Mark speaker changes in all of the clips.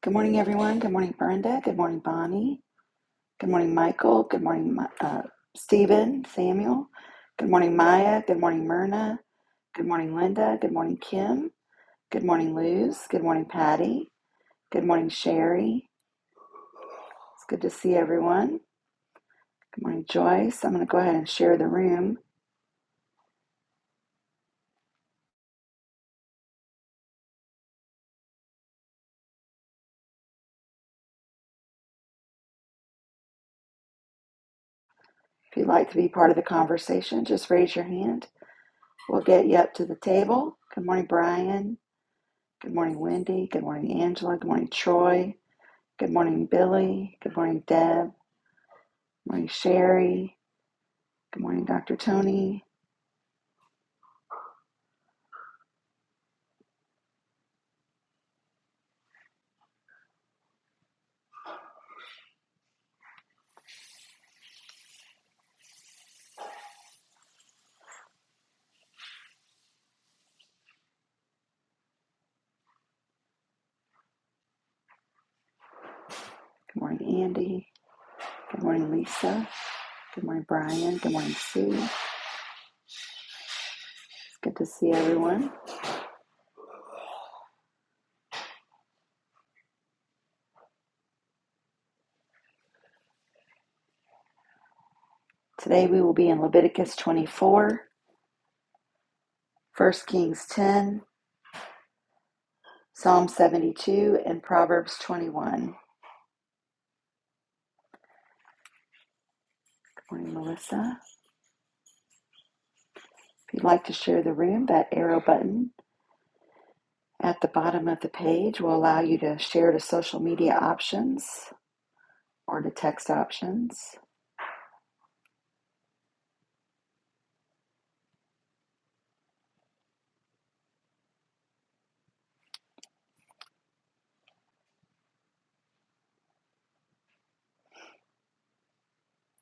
Speaker 1: Good morning, everyone. Good morning, Brenda. Good morning, Bonnie. Good morning, Michael. Good morning, Mi- uh, Stephen, Samuel. Good morning, Maya. Good morning, Myrna. Good morning, Linda. Good morning, Kim. Good morning, Luz. Good morning, Patty. Good morning, Sherry. It's good to see everyone. Good morning, Joyce. I'm going to go ahead and share the room. If you'd like to be part of the conversation, just raise your hand. We'll get you up to the table. Good morning, Brian. Good morning, Wendy. Good morning, Angela. Good morning, Troy. Good morning, Billy. Good morning, Deb. Good morning, Sherry. Good morning, Dr. Tony. Good morning, Andy. Good morning, Lisa. Good morning, Brian. Good morning, Sue. It's good to see everyone. Today we will be in Leviticus 24, First Kings 10, Psalm 72, and Proverbs 21. Good morning, Melissa. If you'd like to share the room, that arrow button at the bottom of the page will allow you to share to social media options or to text options.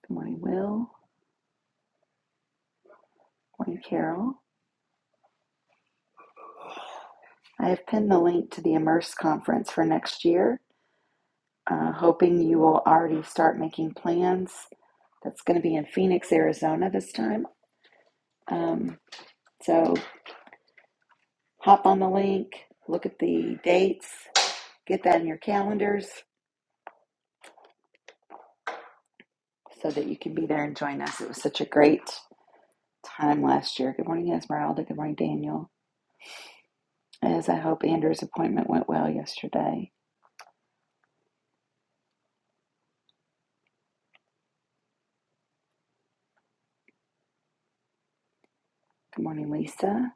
Speaker 1: Good morning, Will. Morning, Carol. I have pinned the link to the Immerse conference for next year, uh, hoping you will already start making plans. That's going to be in Phoenix, Arizona this time. Um, so hop on the link, look at the dates, get that in your calendars so that you can be there and join us. It was such a great time last year. Good morning, Esmeralda. Good morning, Daniel. As I hope Andrew's appointment went well yesterday. Good morning, Lisa.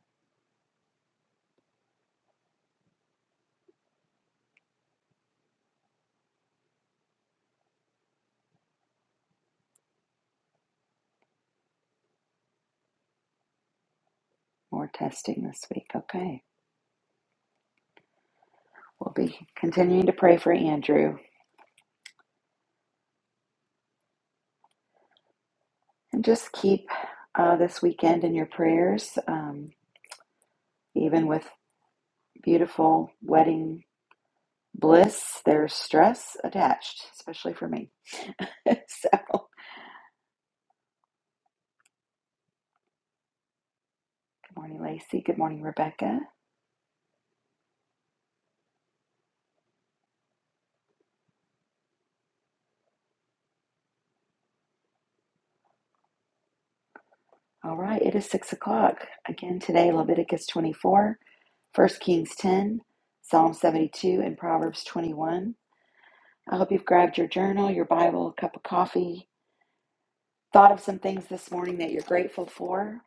Speaker 1: More testing this week. Okay. We'll be continuing to pray for Andrew and just keep uh, this weekend in your prayers. Um, even with beautiful wedding bliss, there's stress attached, especially for me. so, good morning, Lacey. Good morning, Rebecca. All right, it is six o'clock. Again today, Leviticus 24, First Kings 10, Psalm 72, and Proverbs 21. I hope you've grabbed your journal, your Bible, a cup of coffee, thought of some things this morning that you're grateful for,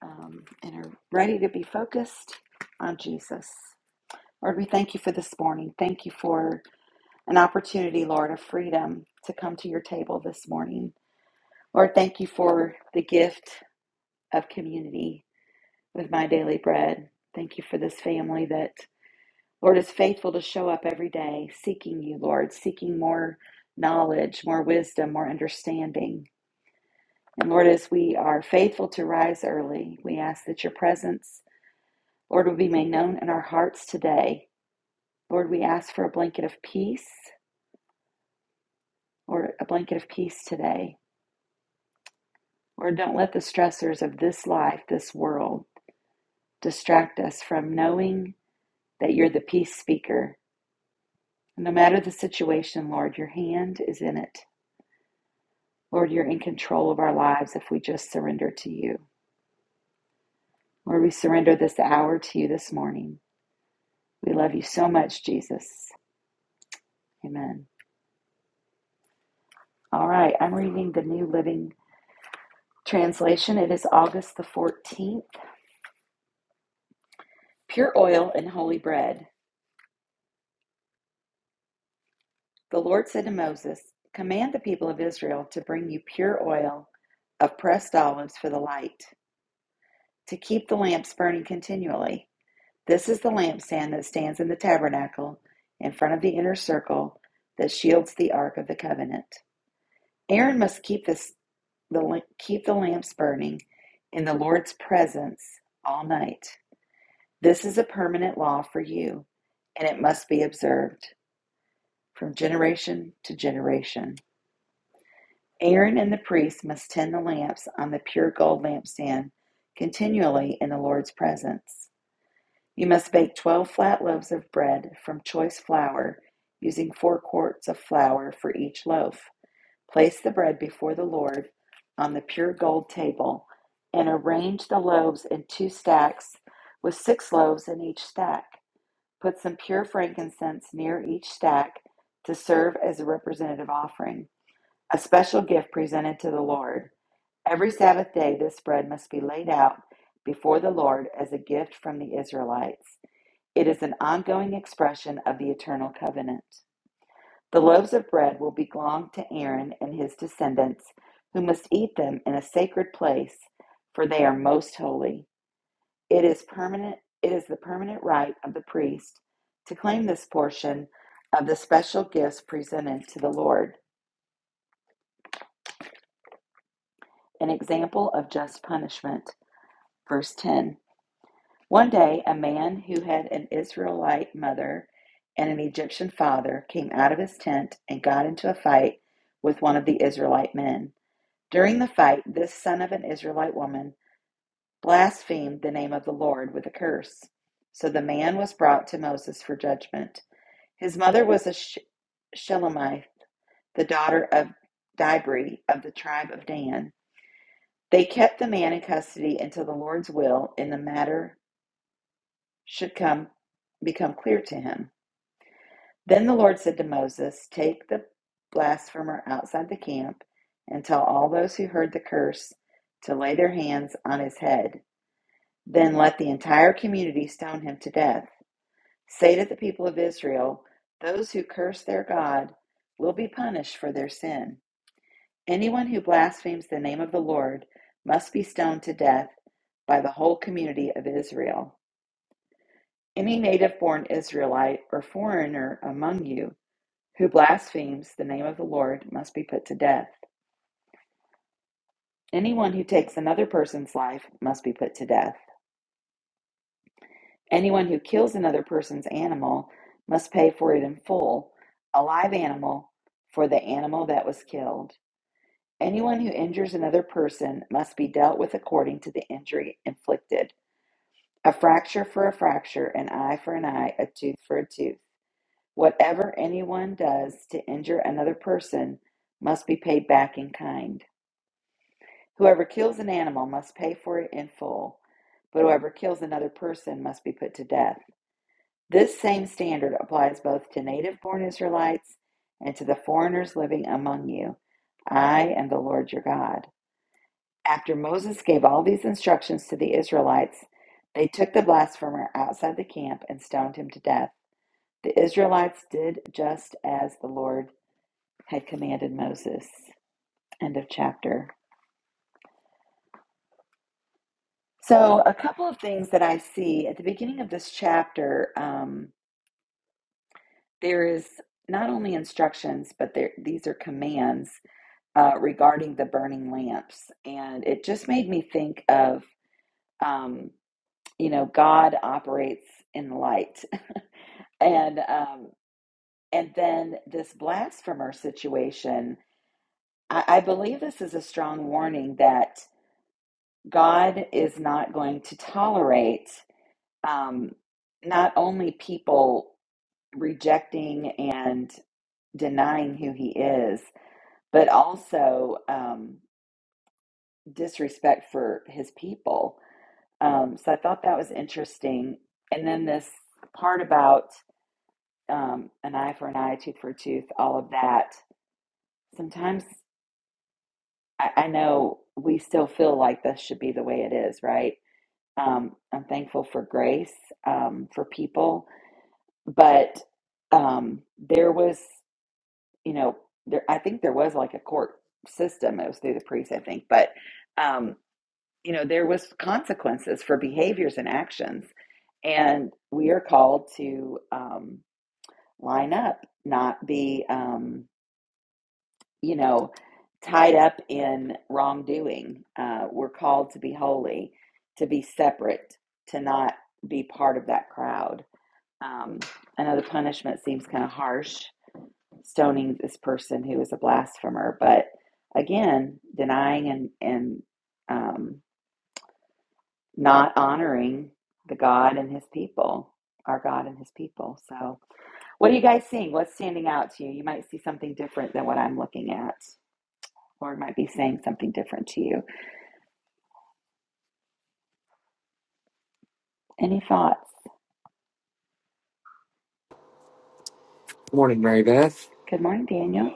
Speaker 1: um, and are ready to be focused on Jesus. Lord, we thank you for this morning. Thank you for an opportunity, Lord, of freedom to come to your table this morning. Lord, thank you for the gift of community with my daily bread. Thank you for this family that, Lord, is faithful to show up every day, seeking you, Lord, seeking more knowledge, more wisdom, more understanding. And Lord, as we are faithful to rise early, we ask that your presence, Lord, will be made known in our hearts today. Lord, we ask for a blanket of peace or a blanket of peace today. Lord, don't let the stressors of this life, this world, distract us from knowing that you're the peace speaker No matter the situation, Lord, your hand is in it. Lord, you're in control of our lives if we just surrender to you. Lord, we surrender this hour to you this morning. We love you so much, Jesus. Amen. All right, I'm reading the New Living Translation. It is August the 14th. Pure oil and holy bread. The Lord said to Moses, Command the people of Israel to bring you pure oil of pressed olives for the light, to keep the lamps burning continually. This is the lampstand that stands in the tabernacle in front of the inner circle that shields the ark of the covenant. Aaron must keep this the keep the lamps burning in the Lord's presence all night. This is a permanent law for you, and it must be observed from generation to generation. Aaron and the priests must tend the lamps on the pure gold lampstand continually in the Lord's presence. You must bake 12 flat loaves of bread from choice flour, using 4 quarts of flour for each loaf. Place the bread before the Lord on the pure gold table and arrange the loaves in two stacks with 6 loaves in each stack. Put some pure frankincense near each stack to serve as a representative offering, a special gift presented to the Lord. Every Sabbath day, this bread must be laid out before the Lord as a gift from the Israelites. It is an ongoing expression of the eternal covenant. The loaves of bread will belong to Aaron and his descendants, who must eat them in a sacred place, for they are most holy. It is permanent it is the permanent right of the priest to claim this portion of the special gifts presented to the Lord, an example of just punishment. Verse 10. One day, a man who had an Israelite mother and an Egyptian father came out of his tent and got into a fight with one of the Israelite men. During the fight, this son of an Israelite woman blasphemed the name of the Lord with a curse. So the man was brought to Moses for judgment. His mother was a Sh- Shelemite, the daughter of Dibri of the tribe of Dan. They kept the man in custody until the Lord's will in the matter should come become clear to him. Then the Lord said to Moses, Take the blasphemer outside the camp and tell all those who heard the curse to lay their hands on his head. Then let the entire community stone him to death. Say to the people of Israel, Those who curse their God will be punished for their sin. Anyone who blasphemes the name of the Lord must be stoned to death by the whole community of Israel. Any native born Israelite or foreigner among you Who blasphemes the name of the Lord must be put to death. Anyone who takes another person's life must be put to death. Anyone who kills another person's animal must pay for it in full, a live animal for the animal that was killed. Anyone who injures another person must be dealt with according to the injury inflicted. A fracture for a fracture, an eye for an eye, a tooth for a tooth. Whatever anyone does to injure another person must be paid back in kind. Whoever kills an animal must pay for it in full, but whoever kills another person must be put to death. This same standard applies both to native born Israelites and to the foreigners living among you. I am the Lord your God. After Moses gave all these instructions to the Israelites, they took the blasphemer outside the camp and stoned him to death. The Israelites did just as the Lord had commanded Moses. End of chapter. So, a couple of things that I see at the beginning of this chapter, um, there is not only instructions, but there, these are commands uh, regarding the burning lamps. And it just made me think of, um, you know, God operates in light. and um, and then this blasphemer situation I, I believe this is a strong warning that god is not going to tolerate um, not only people rejecting and denying who he is, but also um, disrespect for his people. Um, so I thought that was interesting. And then this part about um, an eye for an eye, tooth for a tooth, all of that. Sometimes I, I know we still feel like this should be the way it is, right? Um, I'm thankful for grace um, for people, but um, there was. you know, there I think there was like a court system. It was through the priest, I think, but um, you know, there was consequences for behaviors and actions, and we are called to um, line up, not be, um, you know, tied up in wrongdoing. Uh, we're called to be holy, to be separate, to not be part of that crowd. Um, I know the punishment seems kind of harsh, stoning this person who is a blasphemer. But again, denying and, and um, not honoring the God and his people, our God and his people. So, what are you guys seeing? What's standing out to you? You might see something different than what I'm looking at. Lord might be saying something different to you. Any thoughts?
Speaker 2: Morning, Mary Beth.
Speaker 1: Good morning, Daniel.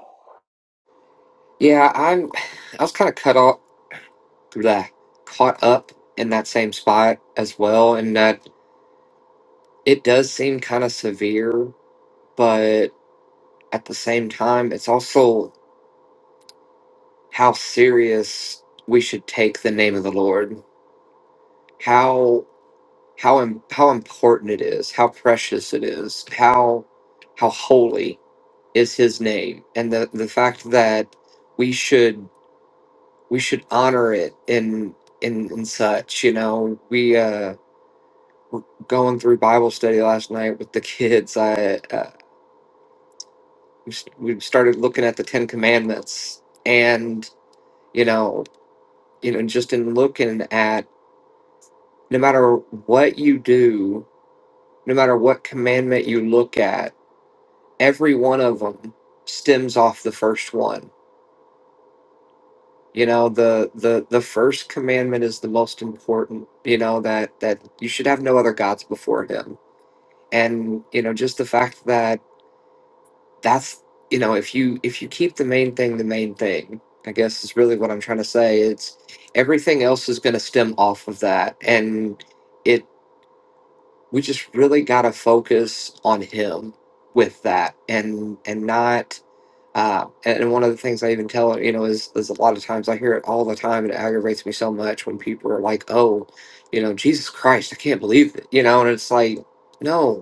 Speaker 2: Yeah, I'm. I was kind of cut off, blah, caught up in that same spot as well, and that it does seem kind of severe, but at the same time, it's also how serious we should take the name of the Lord. How how im- how important it is. How precious it is. How how holy is His name, and the the fact that we should we should honor it and and and such. You know, we uh were going through Bible study last night with the kids. I uh, we s- we started looking at the Ten Commandments, and you know, you know, just in looking at no matter what you do, no matter what commandment you look at, every one of them stems off the first one. You know, the the the first commandment is the most important. You know that that you should have no other gods before Him and you know just the fact that that's you know if you if you keep the main thing the main thing i guess is really what i'm trying to say it's everything else is going to stem off of that and it we just really got to focus on him with that and and not uh, and and one of the things I even tell you know is is a lot of times I hear it all the time and it aggravates me so much when people are like oh you know Jesus Christ I can't believe it you know and it's like no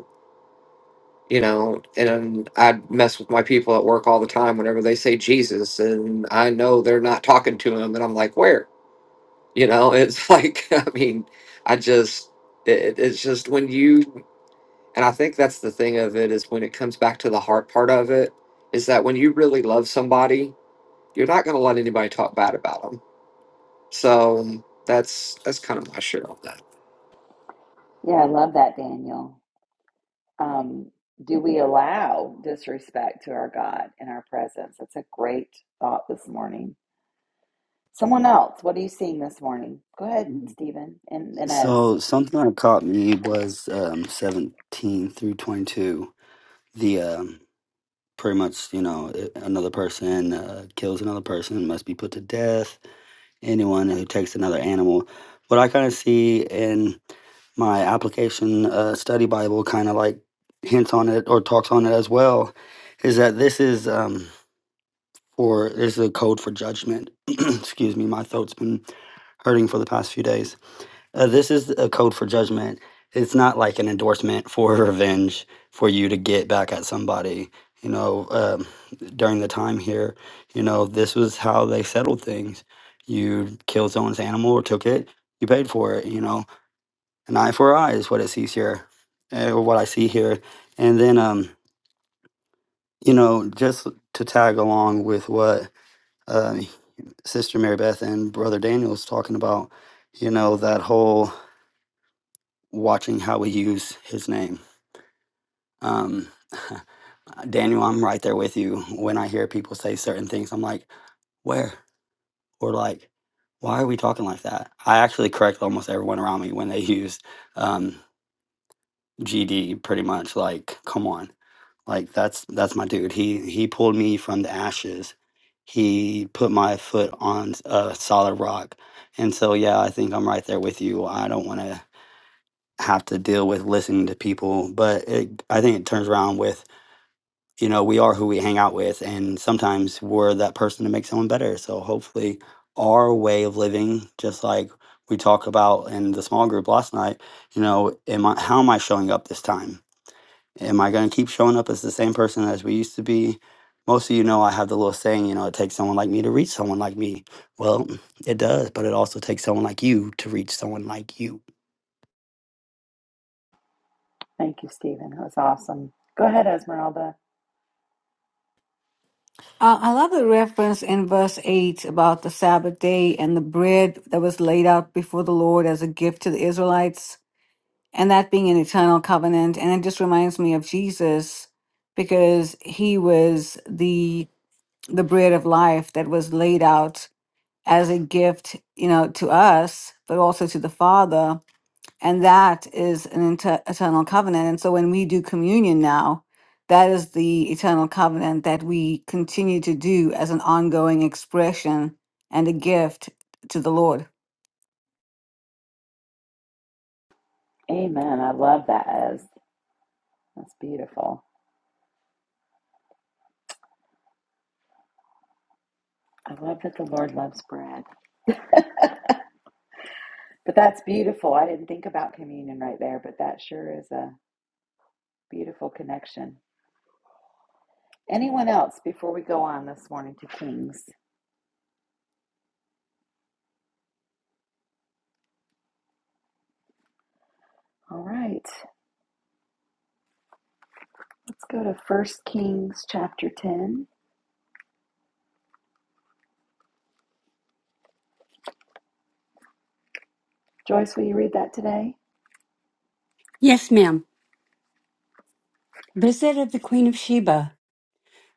Speaker 2: you know, and I mess with my people at work all the time whenever they say Jesus, and I know they're not talking to him, and I'm like, where? You know, it's like, I mean, I just, it, it's just when you, and I think that's the thing of it is when it comes back to the heart part of it, is that when you really love somebody, you're not going to let anybody talk bad about them. So that's that's kind of my shit on that.
Speaker 1: Yeah, I love that, Daniel. Um, do we allow disrespect to our God in our presence? That's a great thought this morning Someone else, what are you seeing this morning? Go ahead, Stephen and Inez.
Speaker 3: So something that caught me was um, 17 through 22. The um, pretty much, you know, another person uh, kills another person must be put to death. Anyone who takes another animal. What I kind of see in my application uh, study Bible kind of like hints on it or talks on it as well is that this is um, for this is a code for judgment. Excuse me, my throat's been hurting for the past few days Uh, this is a code for judgment. It's not like an endorsement for revenge for you to get back at somebody. You know, um, during the time here, you know, this was how they settled things. You killed someone's animal or took it, you paid for it. You know, an eye for an eye is what it sees here, eh, or what I see here. And then, um, you know, just to tag along with what uh, Sister Mary Beth and Brother Daniel's talking about, you know, that whole watching how we use his name. Um, Daniel, I'm right there with you. When I hear people say certain things, I'm like, where? Or like, why are we talking like that? I actually correct almost everyone around me when they use um, GD pretty much. Like, come on. Like that's that's my dude. He he pulled me from the ashes. He put my foot on a solid rock. And so yeah, I think I'm right there with you. I don't want to have to deal with listening to people. But it, I think it turns around with, you know, we are who we hang out with. And sometimes we're that person to make someone better. So hopefully, our way of living, just like we talked about in the small group last night, you know, am I, how am I showing up this time? Am I going to keep showing up as the same person as we used to be? Most of you know I have the little saying, you know, it takes someone like me to reach someone like me. Well, it does, but it also takes someone like you to reach someone like you
Speaker 1: Thank you, Stephen. That was awesome. Go ahead, Esmeralda.
Speaker 4: Uh, I love the reference in verse 8 about the Sabbath day and the bread that was laid out before the Lord as a gift to the Israelites, and that being an eternal covenant. And it just reminds me of Jesus because he was the the bread of life that was laid out as a gift, you know, to us, but also to the Father and that is an inter- eternal covenant. And so when we do communion now, that is the eternal covenant that we continue to do as an ongoing expression and a gift to the Lord.
Speaker 1: Amen. I love that, Ez. That's beautiful. I love that the Lord loves bread. But that's beautiful. I didn't think about communion right there, but that sure is a beautiful connection. Anyone else before we go on this morning to Kings? All right. Let's go to First Kings chapter 10. Joyce, will you read that today?
Speaker 5: Yes, ma'am. Visit of the Queen of Sheba.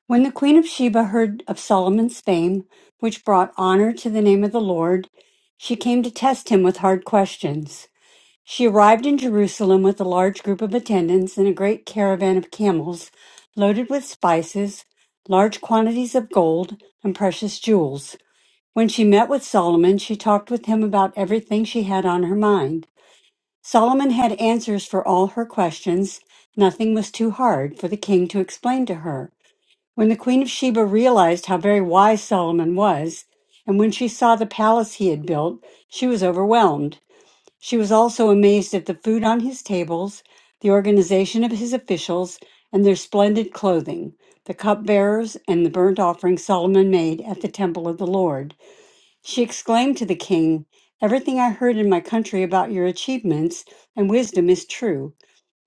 Speaker 5: When the Queen of Sheba heard of Solomon's fame, which brought honor to the name of the Lord, she came to test him with hard questions. She arrived in Jerusalem with a large group of attendants and a great caravan of camels loaded with spices, large quantities of gold, and precious jewels. When she met with Solomon, she talked with him about everything she had on her mind. Solomon had answers for all her questions. Nothing was too hard for the king to explain to her. When the queen of Sheba realized how very wise Solomon was, and when she saw the palace he had built, she was overwhelmed. She was also amazed at the food on his tables, the organization of his officials, and their splendid clothing, the cupbearers, and the burnt offering Solomon made at the temple of the Lord. She exclaimed to the king, Everything I heard in my country about your achievements and wisdom is true.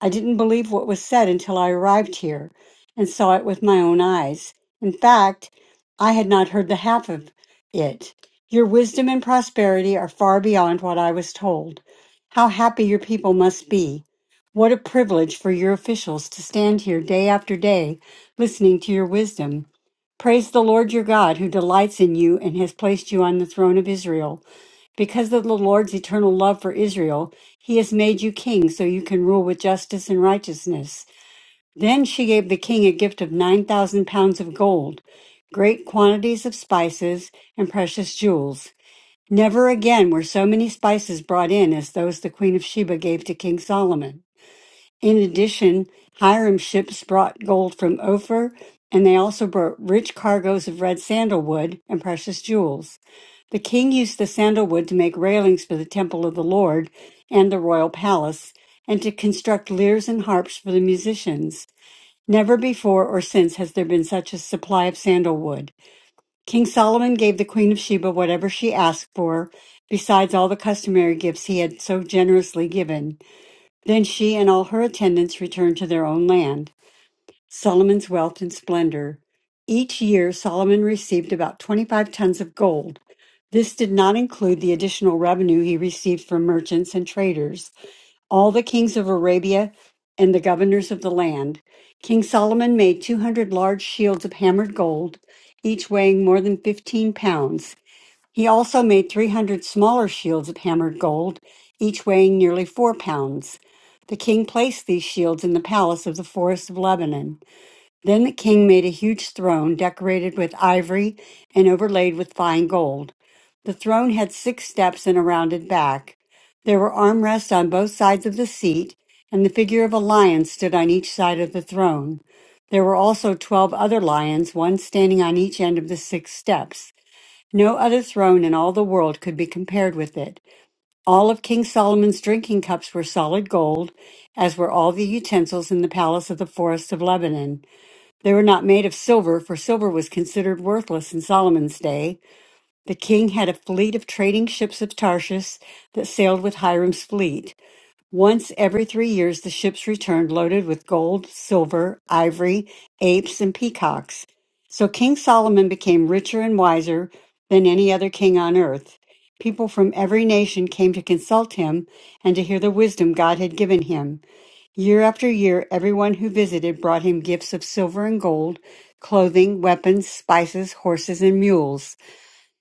Speaker 5: I didn't believe what was said until I arrived here and saw it with my own eyes. In fact, I had not heard the half of it. Your wisdom and prosperity are far beyond what I was told. How happy your people must be. What a privilege for your officials to stand here day after day listening to your wisdom. Praise the Lord your God who delights in you and has placed you on the throne of Israel. Because of the Lord's eternal love for Israel, he has made you king so you can rule with justice and righteousness. Then she gave the king a gift of 9,000 pounds of gold, great quantities of spices, and precious jewels. Never again were so many spices brought in as those the queen of Sheba gave to King Solomon. In addition, Hiram ships brought gold from Ophir, and they also brought rich cargoes of red sandalwood and precious jewels. The king used the sandalwood to make railings for the temple of the Lord and the royal palace, and to construct lyres and harps for the musicians. Never before or since has there been such a supply of sandalwood. King Solomon gave the Queen of Sheba whatever she asked for, besides all the customary gifts he had so generously given. Then she and all her attendants returned to their own land, Solomon's wealth and splendor. Each year, Solomon received about 25 tons of gold. This did not include the additional revenue he received from merchants and traders, all the kings of Arabia, and the governors of the land. King Solomon made 200 large shields of hammered gold, each weighing more than 15 pounds. He also made 300 smaller shields of hammered gold, each weighing nearly four pounds. The king placed these shields in the palace of the forest of Lebanon. Then the king made a huge throne decorated with ivory and overlaid with fine gold. The throne had six steps and a rounded back. There were armrests on both sides of the seat, and the figure of a lion stood on each side of the throne. There were also twelve other lions, one standing on each end of the six steps. No other throne in all the world could be compared with it. All of King Solomon's drinking cups were solid gold, as were all the utensils in the palace of the forest of Lebanon. They were not made of silver, for silver was considered worthless in Solomon's day. The king had a fleet of trading ships of Tarshish that sailed with Hiram's fleet. Once every three years, the ships returned loaded with gold, silver, ivory, apes, and peacocks. So King Solomon became richer and wiser than any other king on earth. People from every nation came to consult him and to hear the wisdom God had given him. Year after year, everyone who visited brought him gifts of silver and gold, clothing, weapons, spices, horses, and mules.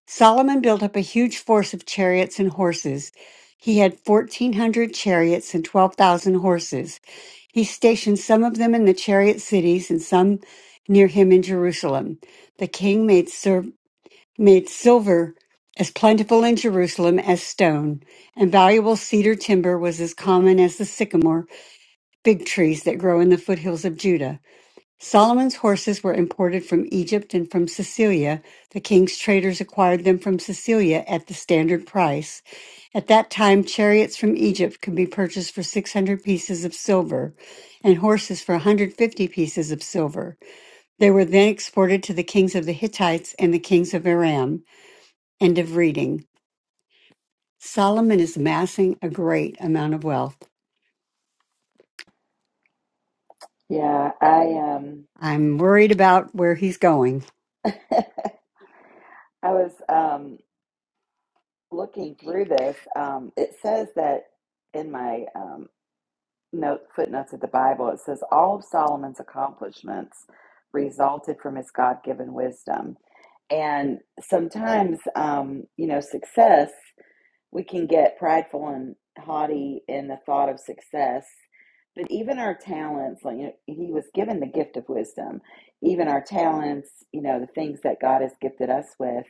Speaker 5: Solomon built up a huge force of chariots and horses. He had 1,400 chariots and 12,000 horses. He stationed some of them in the chariot cities and some near him in Jerusalem. The king made, ser- made silver as plentiful in Jerusalem as stone, and valuable cedar timber was as common as the sycamore, big trees that grow in the foothills of Judah. Solomon's horses were imported from Egypt and from Sicilia. The king's traders acquired them from Sicilia at the standard price. At that time, chariots from Egypt could be purchased for 600 pieces of silver and horses for 150 pieces of silver. They were then exported to the kings of the Hittites and the kings of Aram. End of reading. Solomon is amassing a great amount of wealth.
Speaker 1: Yeah, I um
Speaker 5: I'm worried about where he's going.
Speaker 1: I was um looking through this. Um it says that in my um note footnotes of the Bible, it says all of Solomon's accomplishments resulted from his God-given wisdom. And sometimes um, you know, success we can get prideful and haughty in the thought of success but even our talents like you know, he was given the gift of wisdom even our talents you know the things that god has gifted us with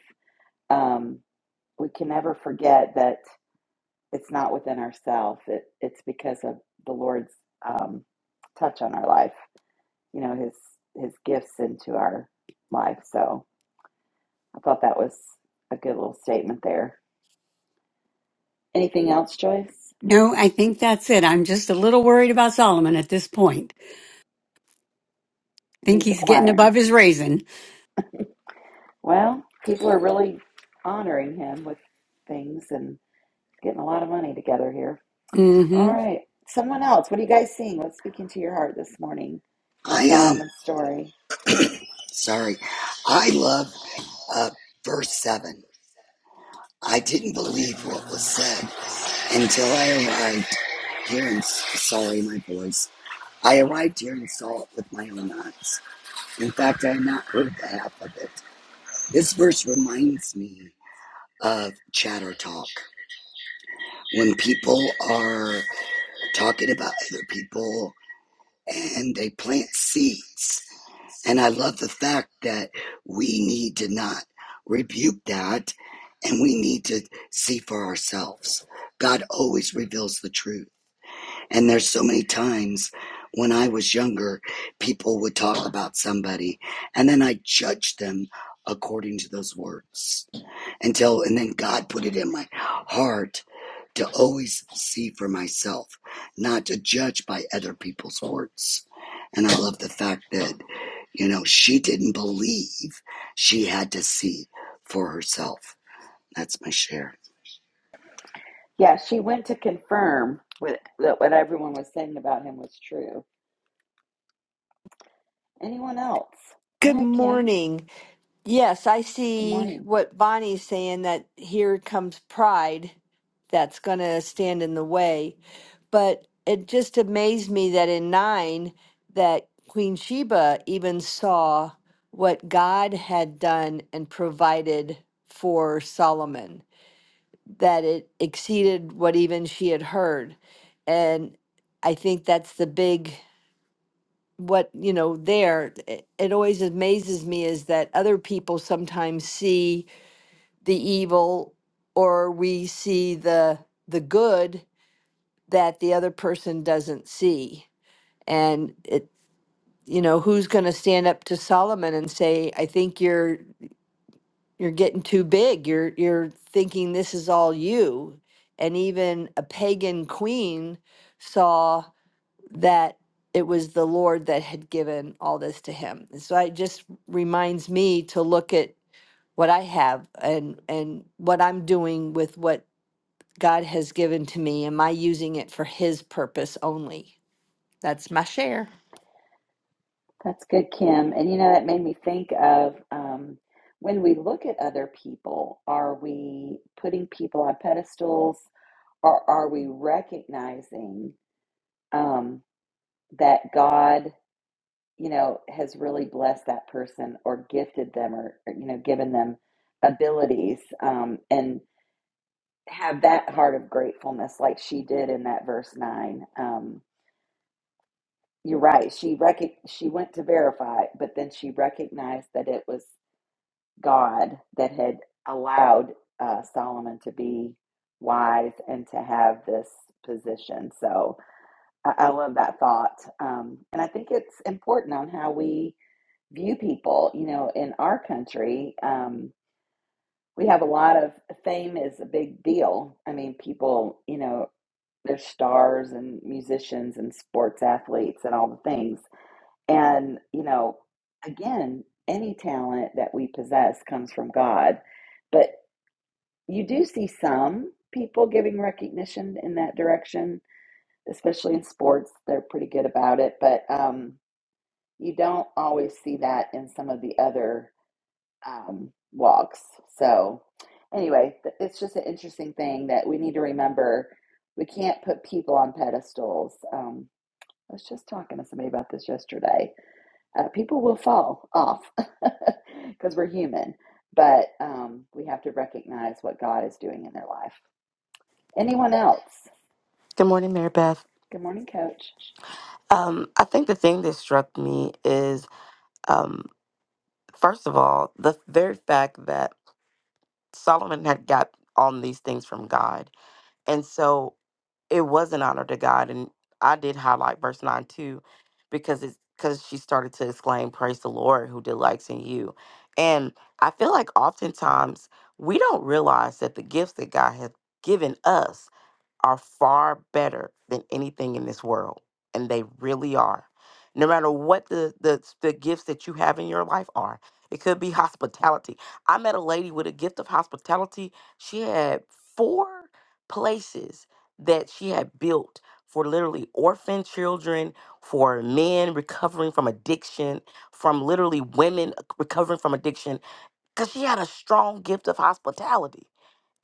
Speaker 1: um, we can never forget that it's not within ourselves it, it's because of the lord's um, touch on our life you know his his gifts into our life so i thought that was a good little statement there anything else joyce
Speaker 5: No, I think that's it. I'm just a little worried about Solomon at this point. Think
Speaker 1: he's
Speaker 5: he's getting
Speaker 1: acquiring
Speaker 5: above his raisin.
Speaker 1: Well, people are really honoring him with things and getting a lot of money together here. All
Speaker 5: hmm
Speaker 1: right. Someone else. What are you guys seeing? What's speaking to your heart this morning in
Speaker 6: I am um
Speaker 1: Solomon's story?
Speaker 6: sorry. I love uh verse seven. I didn't believe what was said until I arrived here in sorry my voice. I arrived here and saw it with my own eyes. In fact, I had not heard the half of it. This verse reminds me of chatter talk. When people are talking about other people and they plant seeds And I love the fact that we need to not rebuke that and we need to see for ourselves. God always reveals the truth. And there's so many times when I was younger, people would talk about somebody and then I judged them according to those words until, and then God put it in my heart to always see for myself, not to judge by other people's words. And I love the fact that, you know, she didn't believe she had to see for herself. That's my share.
Speaker 1: Yeah, she went to confirm with, that what everyone was saying about him was true. Anyone else? Go
Speaker 7: Good
Speaker 1: ahead, Kim.
Speaker 7: morning. Yes, I
Speaker 1: Good
Speaker 7: see
Speaker 1: morning.
Speaker 7: what Bonnie's saying that here comes pride that's going to stand in the way. But it just amazed me that in 9 that Queen Sheba even saw what God had done and provided for Solomon, that it exceeded what even she had heard. And I think that's the big what you know there it, it always amazes me is that other people sometimes see the evil or we see the the good that the other person doesn't see and it you know who's going to stand up to Solomon and say I think you're you're getting too big you're you're thinking this is all you and even a pagan queen saw that it was the Lord that had given all this to him. And so it just reminds me to look at what I have and and what I'm doing with what God has given to me. Am I using it for His purpose only? That's my share.
Speaker 1: That's good, Kim. And you know, that made me think of um, when we look at other people, are we putting people on pedestals? or are we recognizing um, that God, you know, has really blessed that person or gifted them or, or, you know, given them abilities um, and have that heart of gratefulness like she did in that verse nine? Um, you're right. She rec- she went to verify, but then she recognized that it was God that had allowed uh, Solomon to be wise and to have this position. So, I, I love that thought. Um, and I think it's important on how we view people. You know, in our country, um, we have a lot of fame is a big deal. I mean, people, you know, they're stars and musicians and sports athletes and all the things. And, you know, again, any talent that we possess comes from God. But you do see some people giving recognition in that direction, especially in sports. They're pretty good about it. But, um, you don't always see that in some of the other um, walks. So, anyway, it's just an interesting thing that we need to remember. We can't put people on pedestals. Um, I was just talking to somebody about this yesterday. Uh, people will fall off because we're human, but um, we have to recognize what God is doing in their life. Anyone else?
Speaker 8: Good morning, Mary Beth.
Speaker 1: Good morning, coach.
Speaker 8: Um, I think the thing that struck me is, um, first of all, the very fact that Solomon had got all these things from God. And so it was an honor to God. And I did highlight verse 9 too, because it's because she started to exclaim, Praise the Lord who delights in you. And I feel like oftentimes we don't realize that the gifts that God has given us are far better than anything in this world, and they really are. No matter what the, the the gifts that you have in your life are, it could be hospitality. I met a lady with a gift of hospitality. She had four places that she had built for literally orphan children, for men recovering from addiction, from literally women uh, recovering from addiction, because she had a strong gift of hospitality.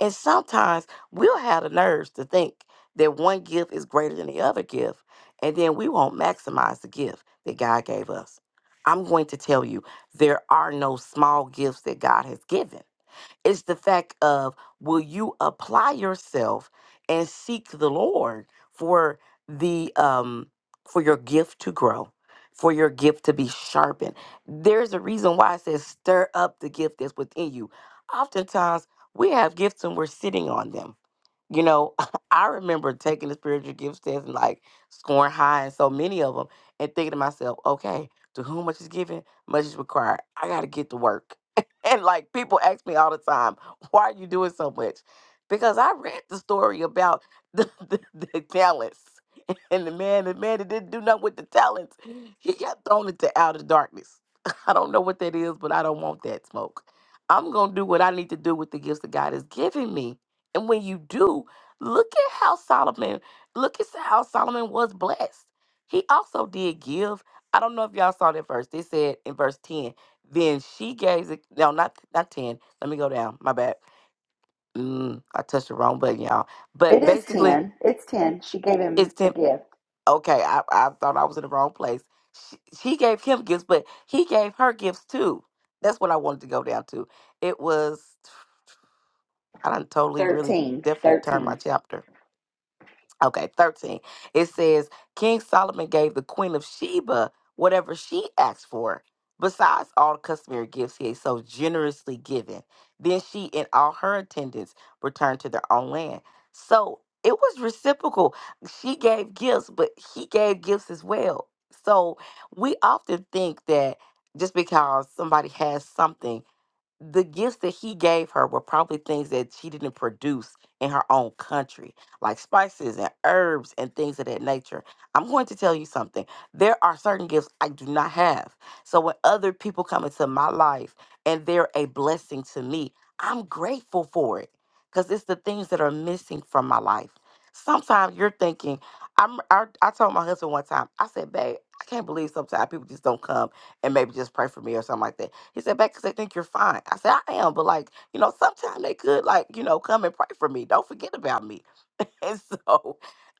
Speaker 8: And sometimes we'll have the nerves to think that one gift is greater than the other gift, and then we won't maximize the gift that God gave us. I'm going to tell you, there are no small gifts that God has given. It's the fact of will you apply yourself and seek the Lord for the um for your gift to grow, for your gift to be sharpened. There's a reason why it says stir up the gift that's within you. Oftentimes we have gifts and we're sitting on them you know, I remember taking the spiritual gifts test and like scoring high in so many of them and thinking to myself, okay, to whom much is given, much is required. I got to get to work. and like people ask me all the time, why are you doing so much? Because I read the story about the, the, the talents and the man, the man that didn't do nothing with the talents, he got thrown into outer darkness. I don't know what that is, but I don't want that smoke. I'm going to do what I need to do with the gifts that God has given me and when you do, look at how Solomon, look at how Solomon was blessed. He also did give. I don't know if y'all saw that verse. They said in verse 10, then she gave, the- no, not, not 10. Let me go down. My bad. Mm, I touched the wrong button, y'all.
Speaker 1: It
Speaker 8: But
Speaker 1: is
Speaker 8: basically,
Speaker 1: 10. It's 10. She gave him
Speaker 8: it's
Speaker 1: a
Speaker 8: 10.
Speaker 1: gift.
Speaker 8: Okay, I, I thought I was in the wrong place. She, she gave him gifts, but he gave her gifts too. That's what I wanted to go down to. It was, I done totally, really,
Speaker 1: 13.
Speaker 8: definitely turned
Speaker 1: 13.
Speaker 8: my chapter. Okay, 13. It says King Solomon gave the Queen of Sheba whatever she asked for, besides all the customary gifts he had so generously given. Then she and all her attendants returned to their own land. So it was reciprocal. She gave gifts, but he gave gifts as well. So we often think that just because somebody has something the gifts that he gave her were probably things that she didn't produce in her own country, like spices and herbs and things of that nature. I'm going to tell you something. There are certain gifts I do not have. So when other people come into my life and they're a blessing to me, I'm grateful for it because it's the things that are missing from my life. Sometimes you're thinking, I'm, I, I told my husband one time, I said, babe, I can't believe sometimes people just don't come and maybe just pray for me or something like that he said, because they think you're fine. I said, I am, but like, you know, sometimes they could like, you know, come and pray for me. Don't forget about me. and so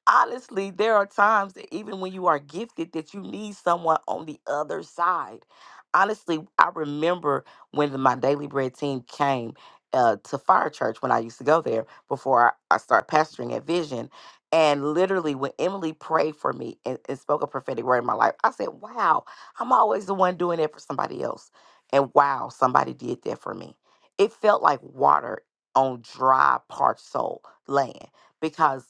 Speaker 8: honestly, there are times that even when you are gifted that you need someone on the other side. Honestly, I remember when the, my daily bread team came uh, to Fire Church when I used to go there before I, I started pastoring at Vision. And literally, when Emily prayed for me and, and spoke a prophetic word in my life, I said, Wow, I'm always the one doing it for somebody else. And wow, somebody did that for me. It felt like water on dry, parched soul land because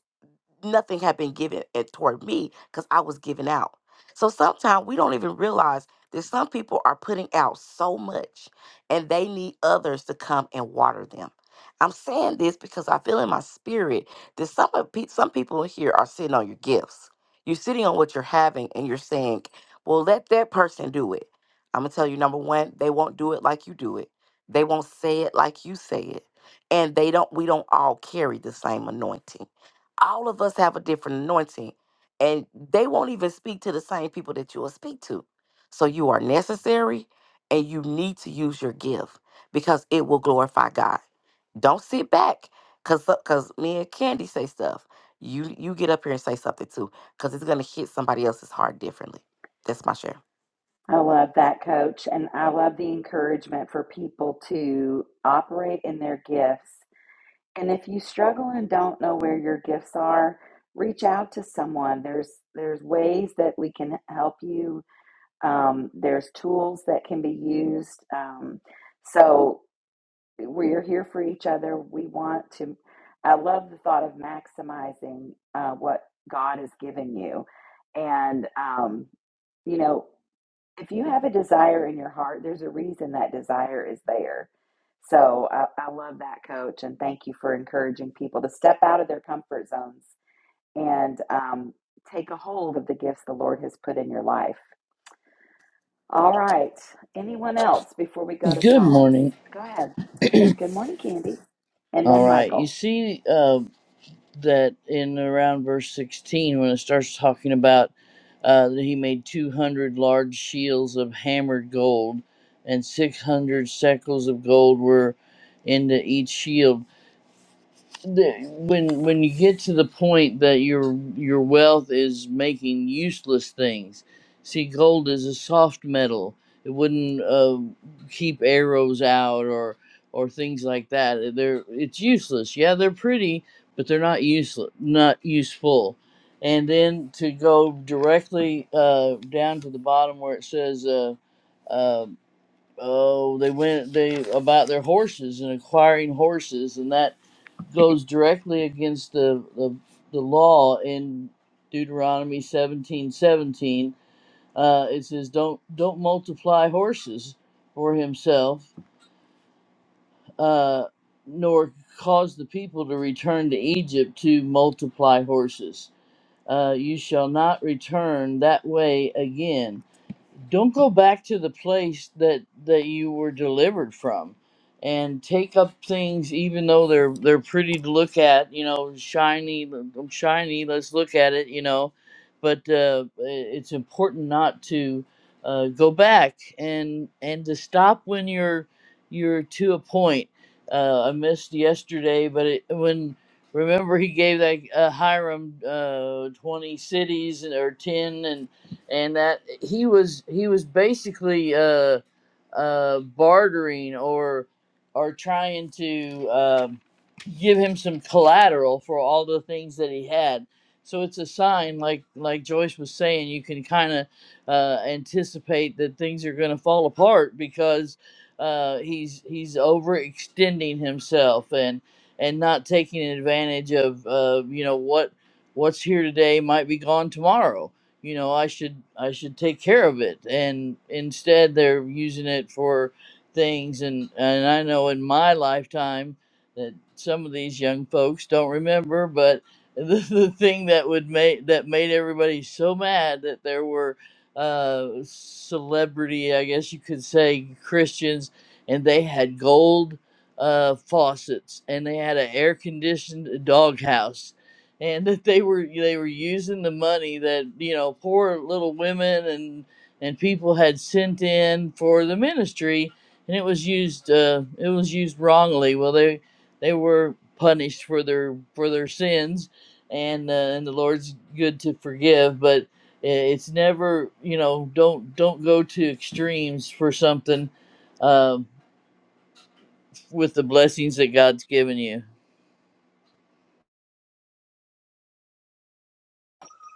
Speaker 8: nothing had been given at, toward me because I was giving out. So sometimes we don't even realize that some people are putting out so much and they need others to come and water them. I'm saying this because I feel in my spirit that some of pe- some people in here are sitting on your gifts. You're sitting on what you're having and you're saying, "Well, let that person do it." I'm gonna tell you number 1, they won't do it like you do it. They won't say it like you say it. And they don't we don't all carry the same anointing all of us have a different anointing and they won't even speak to the same people that you'll speak to so you are necessary and you need to use your gift because it will glorify god don't sit back because because me and candy say stuff you you get up here and say something too because it's going to hit somebody else's heart differently that's my share
Speaker 1: I love that, coach. And I love the encouragement for people to operate in their gifts. And if you struggle and don't know where your gifts are, reach out to someone. There's there's ways that we can help you. Um, there's tools that can be used. Um, so we are here for each other. We want to. I love the thought of maximizing uh, what God has given you, and um, you know, if you have a desire in your heart, there's a reason that desire is there. So I, I love that, Coach, and thank you for encouraging people to step out of their comfort zones and um, take a hold of the gifts the Lord has put in your life. All right, anyone else before we go to
Speaker 9: Good
Speaker 1: Psalms?
Speaker 9: morning.
Speaker 1: Go ahead. Good morning, Candy. And
Speaker 9: All
Speaker 1: then
Speaker 9: right. You
Speaker 1: Michael.
Speaker 9: see uh, that in around verse 16 when it starts talking about uh, that he made 200 large shields of hammered gold, and 600 shekels of gold were into each shield. the, when when you get to the point that your your wealth is making useless things see gold is a soft metal it wouldn't uh, keep arrows out or or things like that they're it's useless yeah they're pretty but they're not useless not useful and then to go directly uh, down to the bottom where it says uh, uh, oh they went they about their horses and acquiring horses and that goes directly against the the, the law in Deuteronomy seventeen seventeen. Uh, it says, "Don't don't multiply horses for himself, uh, nor cause the people to return to Egypt to multiply horses. Uh, you shall not return that way again." don't go back to the place that that you were delivered from and take up things even though they're they're pretty to look at you know shiny shiny let's look at it you know but uh, it's important not to uh, go back and and to stop when you're you're to a point uh, I missed yesterday but it, when remember he gave that uh, Hiram uh, 20 cities or 10 and and that he was he was basically uh uh bartering or or trying to um, give him some collateral for all the things that he had so it's a sign like like joyce was saying you can kind of uh, anticipate that things are going to fall apart because uh, he's he's overextending himself and and not taking advantage of uh, you know what what's here today might be gone tomorrow you know i should i should take care of it and instead they're using it for things and and i know in my lifetime that some of these young folks don't remember but the, the thing that would make that made everybody so mad that there were uh celebrity i guess you could say christians and they had gold uh faucets and they had an air conditioned doghouse and that they were they were using the money that you know poor little women and and people had sent in for the ministry and it was used uh, it was used wrongly well they they were punished for their for their sins and uh, and the lord's good to forgive but i- it's never you know don't don't go to extremes for something um with the blessings that god's given you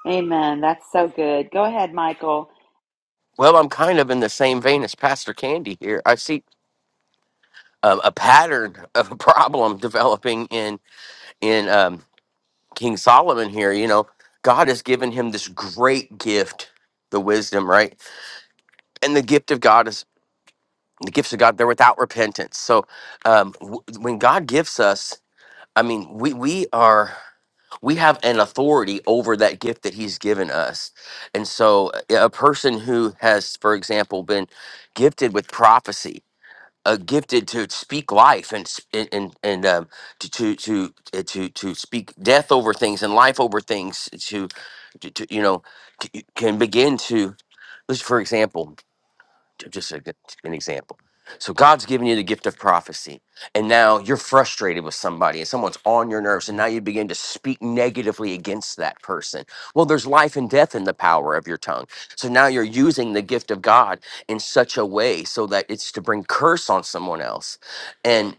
Speaker 1: Amen. That's so good. Go ahead, Michael.
Speaker 10: Well, I'm kind of in the same vein as Pastor Candy here. I see um, a pattern of a problem developing in in um, King Solomon here. You know, God has given him this great gift, the wisdom, right? And the gift of God is the gifts of God. They're without repentance. So um, w- when God gives us, I mean, we we are we have an authority over that gift that He's given us. And so, a a person who has, for example, been gifted with prophecy uh, gifted to speak life and s- and and, and um, to to to uh, to to speak death over things and life over things to, to, to you know c- can begin to let's for example just a, an example. So God's given you the gift of prophecy, and now you're frustrated with somebody, and someone's on your nerves, and now you begin to speak negatively against that person. Well, there's life and death in the power of your tongue. So now you're using the gift of God in such a way so that it's to bring curse on someone else, and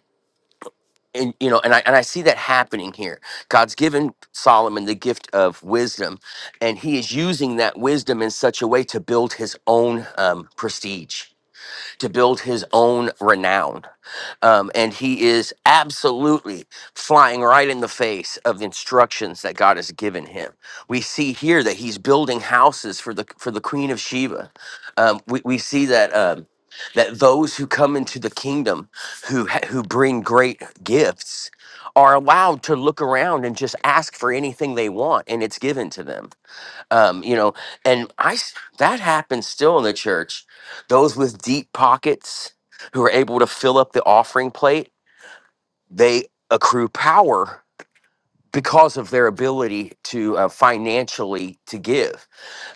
Speaker 10: and you know, and I and I see that happening here. God's given Solomon the gift of wisdom, and he is using that wisdom in such a way to build his own um, prestige to build his own renown. Um, and he is absolutely flying right in the face of the instructions that God has given him. We see here that he's building houses for the for the Queen of Sheba. Um, we, we see that um, that those who come into the kingdom who ha- who bring great gifts are allowed to look around and just ask for anything they want and it's given to them um, you know and i s- that happens still in the church those with deep pockets who are able to fill up the offering plate they accrue power because of their ability to uh, financially to give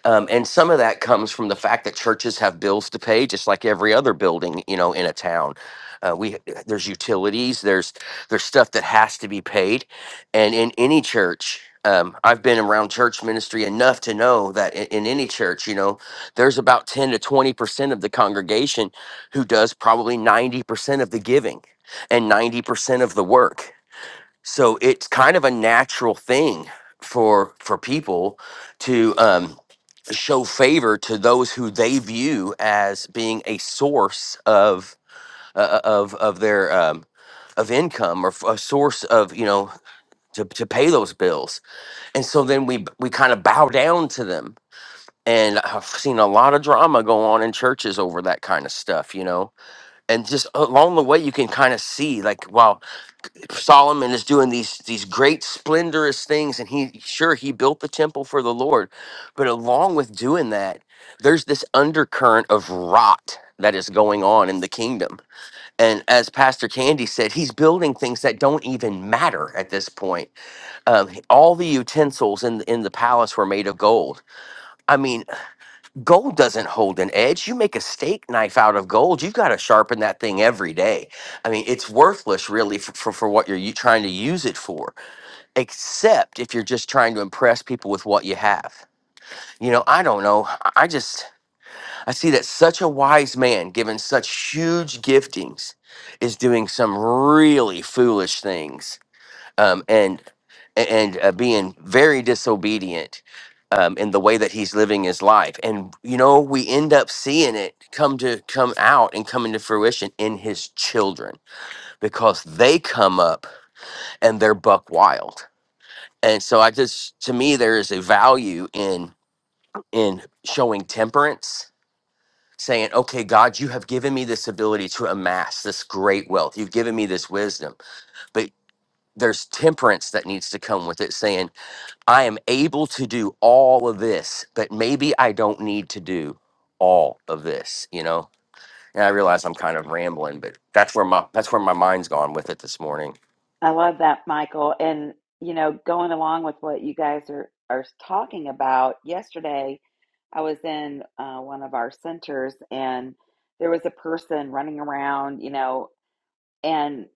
Speaker 10: um, and some of that comes from the fact that churches have bills to pay, just like every other building, you know, in a town. Uh, we there's utilities, there's there's stuff that has to be paid, and in any church, um, I've been around church ministry enough to know that in, in any church, you know, there's about ten to twenty percent of the congregation who does probably ninety percent of the giving and ninety percent of the work so it's kind of a natural thing for for people to um show favor to those who they view as being a source of uh, of of their um of income or f- a source of you know to, to pay those bills and so then we b- we kind of bow down to them and i've seen a lot of drama go on in churches over that kind of stuff you know and just along the way you can kind of see like wow Solomon is doing these these great splendorous things and he sure he built the temple for the Lord but along with doing that there's this undercurrent of rot that is going on in the kingdom and as pastor candy said he's building things that don't even matter at this point um, all the utensils in in the palace were made of gold i mean Gold doesn't hold an edge. You make a steak knife out of gold. You've got to sharpen that thing every day. I mean, it's worthless really for, for, for what you're u- trying to use it for, except if you're just trying to impress people with what you have. You know, I don't know. I I just, I see that such a wise man given such huge giftings is doing some really foolish things um, and and uh, being very disobedient um, in the way that he's living his life. And you know, we end up seeing it come to come out and come into fruition in his children because they come up and they're buck wild. And so I just to me there is a value in in showing temperance saying okay god you have given me this ability to amass this great wealth you've given me this wisdom but there's temperance that needs to come with it saying I am able to do all of this, but maybe I don't need to do all of this, you know? And I realize I'm kind of rambling, but that's where my that's where my mind's gone with it this morning.
Speaker 1: I love that, Michael. And, you know, going along with what you guys are, are talking about, yesterday I was in uh, one of our centers and there was a person running around, you know, and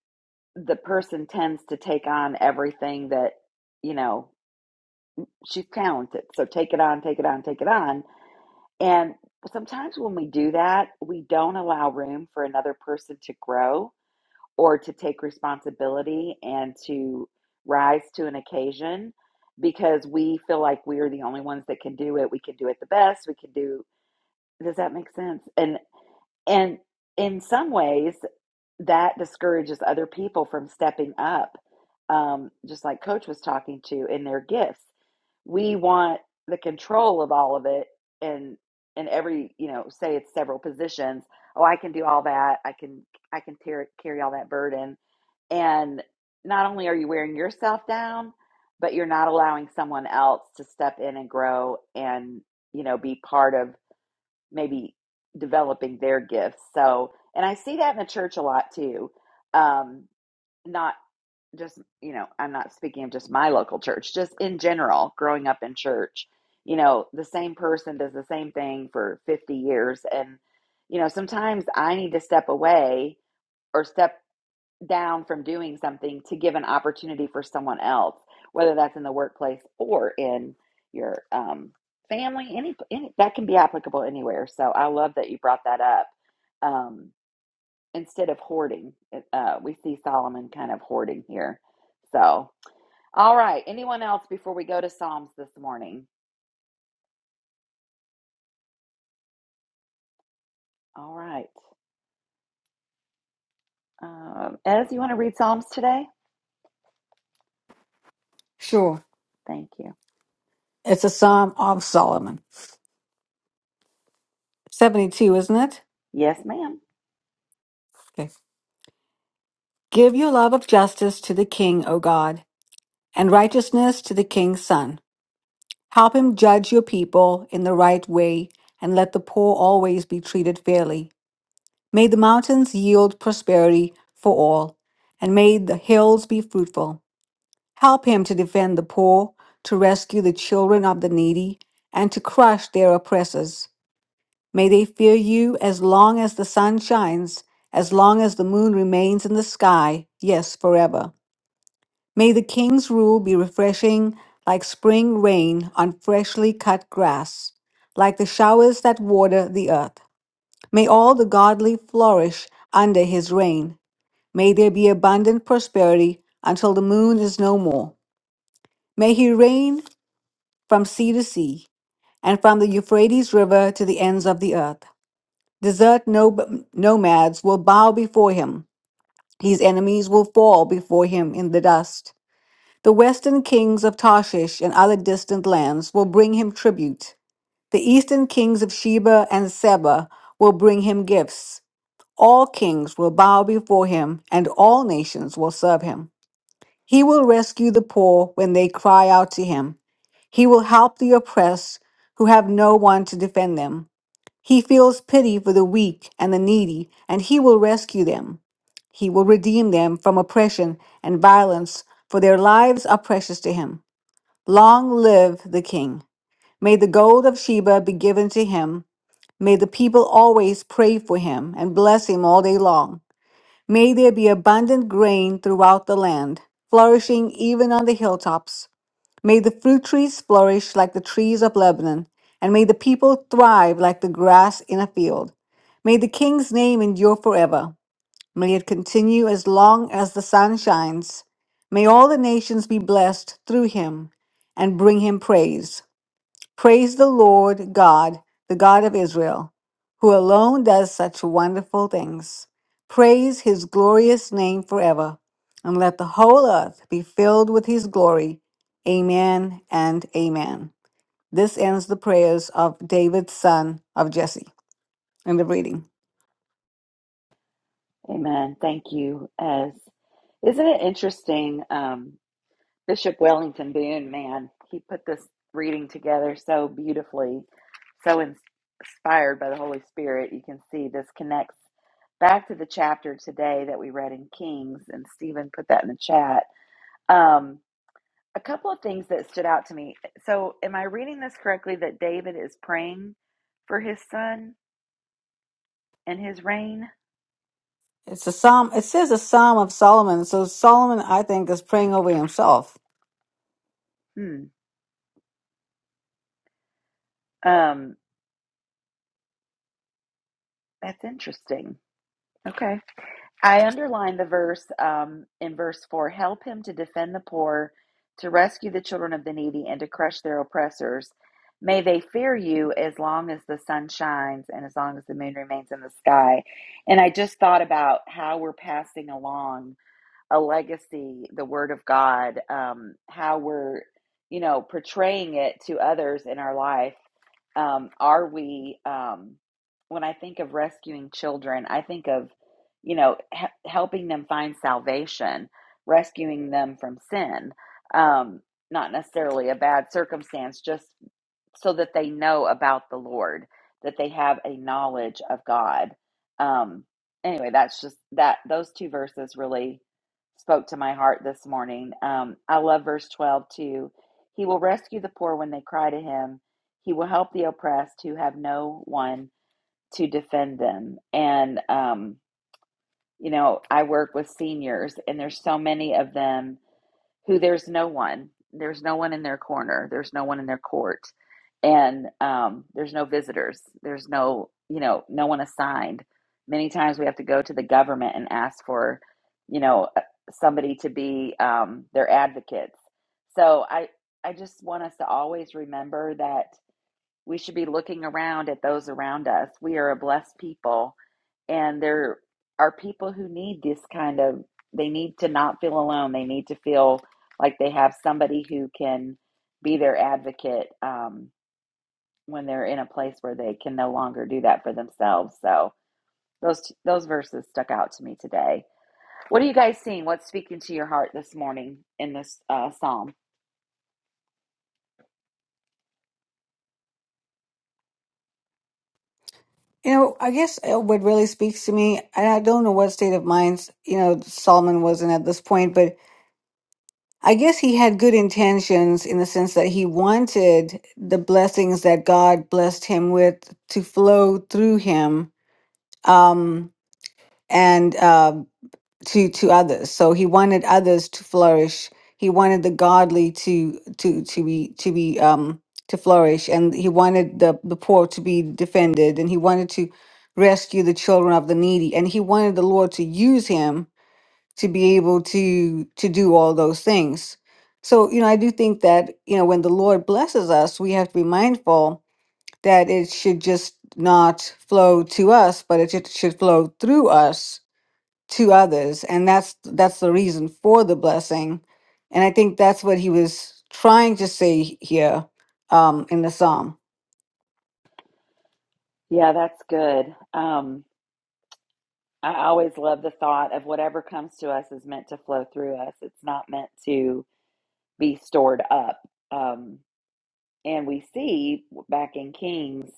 Speaker 1: the person tends to take on everything that, you know, she's talented. So take it on, take it on, take it on. And sometimes when we do that, we don't allow room for another person to grow or to take responsibility and to rise to an occasion because we feel like we are the only ones that can do it. We can do it the best. We can do Does that make sense? And and in some ways that discourages other people from stepping up um, just like coach was talking to in their gifts we want the control of all of it and and every you know say it's several positions oh i can do all that i can i can tear, carry all that burden and not only are you wearing yourself down but you're not allowing someone else to step in and grow and you know be part of maybe developing their gifts so and i see that in the church a lot too um not just you know i'm not speaking of just my local church just in general growing up in church you know the same person does the same thing for 50 years and you know sometimes i need to step away or step down from doing something to give an opportunity for someone else whether that's in the workplace or in your um, family any, any that can be applicable anywhere so i love that you brought that up um, instead of hoarding uh, we see solomon kind of hoarding here so all right. Anyone else before we go to Psalms this morning? All right. Um, Ez, you want to read Psalms today?
Speaker 4: Sure.
Speaker 1: Thank you.
Speaker 4: It's a psalm of Solomon. 72, isn't it?
Speaker 1: Yes, ma'am.
Speaker 4: Okay. Give your love of justice to the king, O God, and righteousness to the king's son. Help him judge your people in the right way, and let the poor always be treated fairly. May the mountains yield prosperity for all, and may the hills be fruitful. Help him to defend the poor, to rescue the children of the needy, and to crush their oppressors. May they fear you as long as the sun shines, as long as the moon remains in the sky, yes, forever. May the king's rule be refreshing like spring rain on freshly cut grass, like the showers that water the earth. May all the godly flourish under his reign. May there be abundant prosperity until the moon is no more. May he reign from sea to sea and from the Euphrates River to the ends of the earth. Desert no- nomads will bow before him. His enemies will fall before him in the dust. The western kings of Tarshish and other distant lands will bring him tribute. The eastern kings of Sheba and Seba will bring him gifts. All kings will bow before him, and all nations will serve him. He will rescue the poor when they cry out to him. He will help the oppressed who have no one to defend them. He feels pity for the weak and the needy, and he will rescue them. He will redeem them from oppression and violence, for their lives are precious to him. Long live the king. May the gold of Sheba be given to him. May the people always pray for him and bless him all day long. May there be abundant grain throughout the land, flourishing even on the hilltops. May the fruit trees flourish like the trees of Lebanon, and may the people thrive like the grass in a field. May the king's name endure forever. May it continue as long as the sun shines. May all the nations be blessed through him and bring him praise. Praise the Lord God, the God of Israel, who alone does such wonderful things. Praise his glorious name forever, and let the whole earth be filled with his glory. Amen and amen. This ends the prayers of David's son of Jesse. End of reading.
Speaker 1: Amen. Thank you, Ez. Isn't it interesting? Um, Bishop Wellington Boone, man, he put this reading together so beautifully, so in- inspired by the Holy Spirit. You can see this connects back to the chapter today that we read in Kings, and Stephen put that in the chat. Um, a couple of things that stood out to me. So, am I reading this correctly that David is praying for his son and his reign?
Speaker 4: It's a psalm. It says a psalm of Solomon. So Solomon, I think, is praying over himself.
Speaker 1: Hmm. Um, that's interesting. Okay. I underlined the verse um, in verse 4 help him to defend the poor, to rescue the children of the needy, and to crush their oppressors. May they fear you as long as the sun shines and as long as the moon remains in the sky. And I just thought about how we're passing along a legacy, the Word of God, um, how we're, you know, portraying it to others in our life. Um, are we, um, when I think of rescuing children, I think of, you know, he- helping them find salvation, rescuing them from sin, um, not necessarily a bad circumstance, just so that they know about the Lord, that they have a knowledge of God. Um, anyway, that's just that those two verses really spoke to my heart this morning. Um, I love verse 12 too. He will rescue the poor when they cry to him, he will help the oppressed who have no one to defend them. And, um, you know, I work with seniors, and there's so many of them who there's no one, there's no one in their corner, there's no one in their court, and um, there's no visitors, there's no, you know, no one assigned. Many times we have to go to the government and ask for, you know, uh, somebody to be um, their advocates. So I, I just want us to always remember that we should be looking around at those around us. We are a blessed people, and there are people who need this kind of, they need to not feel alone. They need to feel like they have somebody who can be their advocate um, when they're in a place where they can no longer do that for themselves. So, those, those verses stuck out to me today. What are you guys seeing? What's speaking to your heart this morning in this uh, psalm?
Speaker 4: You know, I guess uh, what really speaks to me, and I don't know what state of mind you know Solomon was in at this point, but I guess he had good intentions in the sense that he wanted the blessings that God blessed him with to flow through him um, and uh, to to others. So he wanted others to flourish. He wanted the godly to to to be to be um, to flourish, and he wanted the the poor to be defended, and he wanted to rescue the children of the needy, and he wanted the Lord to use him to be able to to do all those things so you know i do think that you know when the lord blesses us we have to be mindful that it should just not flow to us but it should should flow through us to others and that's that's the reason for the blessing and i think that's what he was trying to say here um in the psalm
Speaker 1: Yeah, that's good. Um, I always love the thought of whatever comes to us is meant to flow through us. It's not meant to be stored up. Um, and we see back in Kings,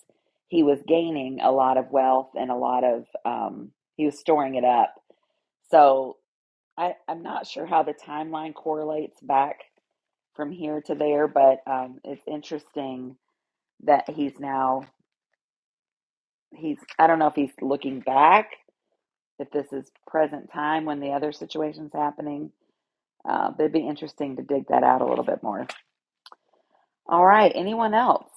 Speaker 1: he was gaining a lot of wealth and a lot of, um, he was storing it up. So I, I'm not sure how the timeline correlates back from here to there, but um, it's interesting that he's now, he's, I don't know if he's looking back, if this is present time when the other situation's happening Uh, but it'd be interesting to dig that out a little bit more. All right. Anyone else?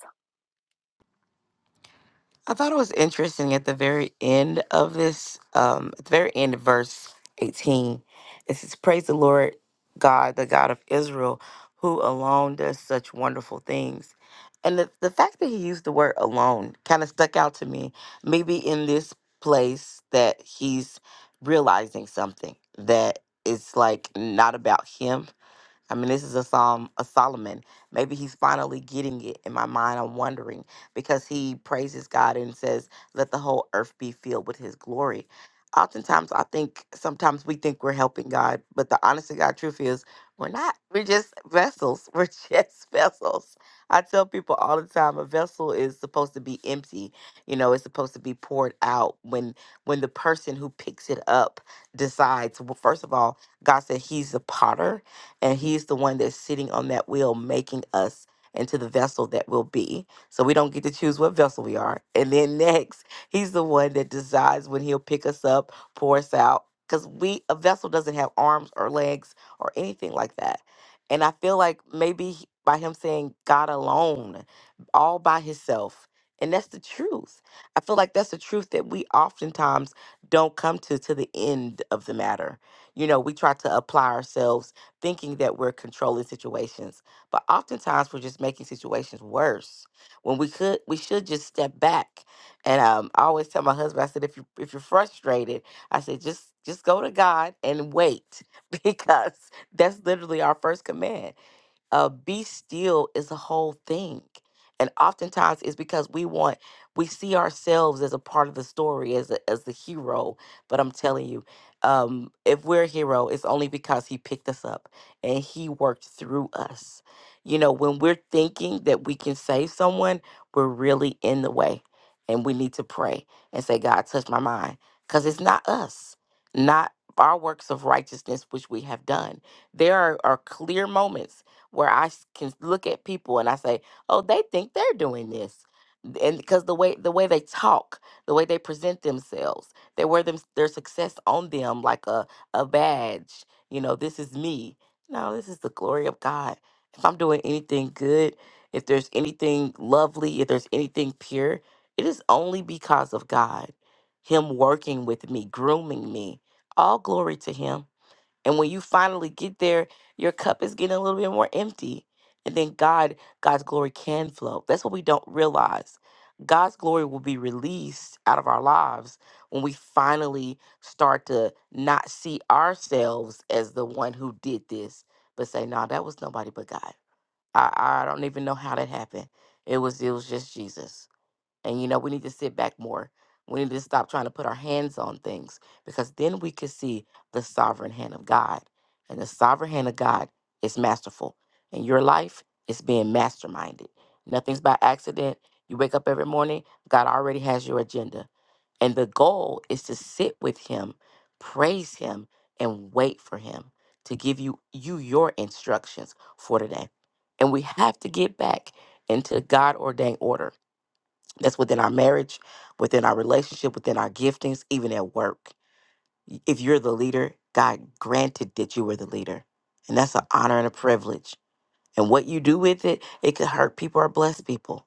Speaker 8: I thought it was interesting at the very end of this, um, at the very end of verse 18, it says, Praise the Lord God, the God of Israel, who alone does such wonderful things. And the, the fact that he used the word alone kind of stuck out to me. Maybe in this place that he's realizing something that it's like not about him I mean, this is a psalm of Solomon. Maybe he's finally getting it. In my mind, I'm wondering because he praises God and says, "Let the whole earth be filled with His glory." Oftentimes, I think sometimes we think we're helping God, but the honest to God truth is we're not. We're just vessels. We're just vessels. I tell people all the time, a vessel is supposed to be empty. You know, it's supposed to be poured out when when the person who picks it up decides. Well, first of all, God said He's the potter and he's the one that's sitting on that wheel, making us into the vessel that we'll be. So we don't get to choose what vessel we are. And then next, he's the one that decides when he'll pick us up, pour us out. Because we a vessel doesn't have arms or legs or anything like that. And I feel like maybe he- by him saying God alone, all by himself. And that's the truth. I feel like that's the truth that we oftentimes don't come to to the end of the matter. You know, we try to apply ourselves thinking that we're controlling situations, but oftentimes we're just making situations worse when we could we should just step back. And um, I always tell my husband, I said, if you if you're frustrated, I said just just go to God and wait because that's literally our first command uh, be still is a whole thing. And oftentimes it's because we want, we see ourselves as a part of the story, as, a, as the hero. But I'm telling you, um, if we're a hero, it's only because he picked us up and he worked through us. You know, when we're thinking that we can save someone, we're really in the way. And we need to pray and say, God, touch my mind. Because it's not us, not our works of righteousness which we have done. There are, are clear moments where I s- can look at people and I say, "Oh, they think they're doing this." And because the way the way they talk, the way they present themselves, they wear them their success on them like a a badge. You know, this is me. No, this is the glory of God. If I'm doing anything good, if there's anything lovely, if there's anything pure, it is only because of God. Him working with me, grooming me. All glory to Him. And when you finally get there, your cup is getting a little bit more empty. And then God, God's glory can flow. That's what we don't realize. God's glory will be released out of our lives when we finally start to not see ourselves as the one who did this, but say, no, that was nobody but God. I, I don't even know how that happened. It was it was just Jesus. And you know, we need to sit back more. We need to stop trying to put our hands on things because then we could see the sovereign hand of God. And the sovereign hand of God is masterful. And your life is being masterminded. Nothing's by accident. You wake up every morning, God already has your agenda. And the goal is to sit with him, praise him, and wait for him to give you you your instructions for today. And we have to get back into God ordained order that's within our marriage, within our relationship, within our giftings, even at work. If you're the leader, God granted that you were the leader. And that's an honor and a privilege. And what you do with it, it could hurt people or bless people.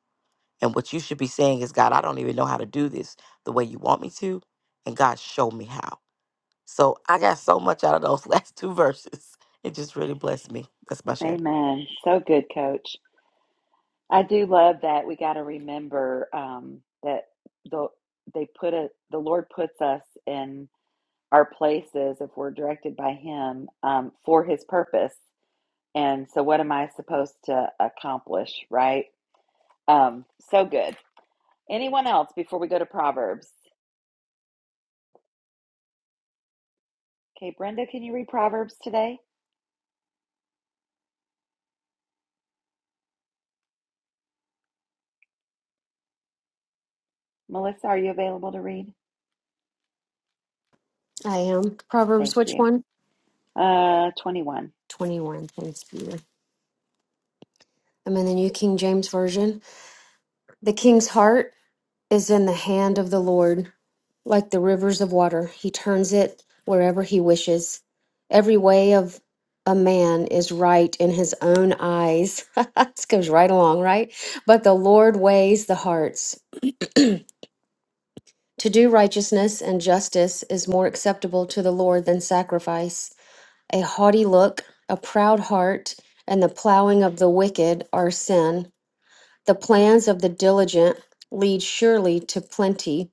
Speaker 8: And what you should be saying is, God, I don't even know how to do this the way you want me to. And God, show me how. So I got so much out of those last two verses. It just really blessed me. That's my share.
Speaker 1: Amen. So good, Coach. I do love that we got to remember um, that the they put a the Lord puts us in our places if we're directed by Him um, for His purpose. And so, what am I supposed to accomplish? Right. Um, so good. Anyone else before we go to Proverbs? Okay, Brenda, can you read Proverbs today? Melissa, are you available to read?
Speaker 11: I am.
Speaker 1: Thank
Speaker 11: Proverbs, which
Speaker 1: you.
Speaker 11: one?
Speaker 1: Uh, 21.
Speaker 11: 21. Thanks, Peter. I'm in the New King James Version. The king's heart is in the hand of the Lord, like the rivers of water. He turns it wherever he wishes. Every way of a man is right in his own eyes. this goes right along, right? But the Lord weighs the hearts. To do righteousness and justice is more acceptable to the Lord than sacrifice. a haughty look, a proud heart, and the plowing of the wicked are sin. The plans of the diligent lead surely to plenty,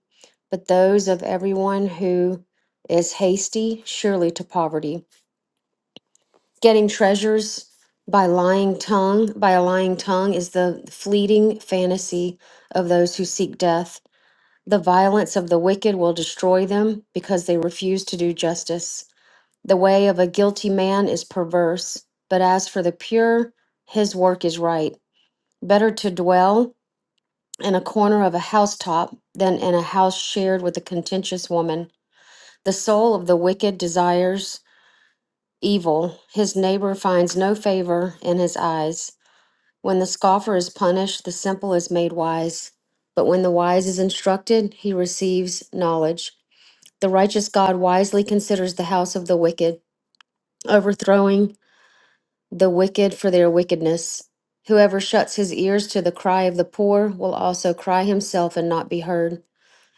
Speaker 11: but those of everyone who is hasty surely to poverty. Getting treasures by lying tongue, by a lying tongue is the fleeting fantasy of those who seek death. The violence of the wicked will destroy them because they refuse to do justice. The way of a guilty man is perverse, but as for the pure, his work is right. Better to dwell in a corner of a housetop than in a house shared with a contentious woman. The soul of the wicked desires evil, his neighbor finds no favor in his eyes. When the scoffer is punished, the simple is made wise. But when the wise is instructed, he receives knowledge. The righteous God wisely considers the house of the wicked, overthrowing the wicked for their wickedness. Whoever shuts his ears to the cry of the poor will also cry himself and not be heard.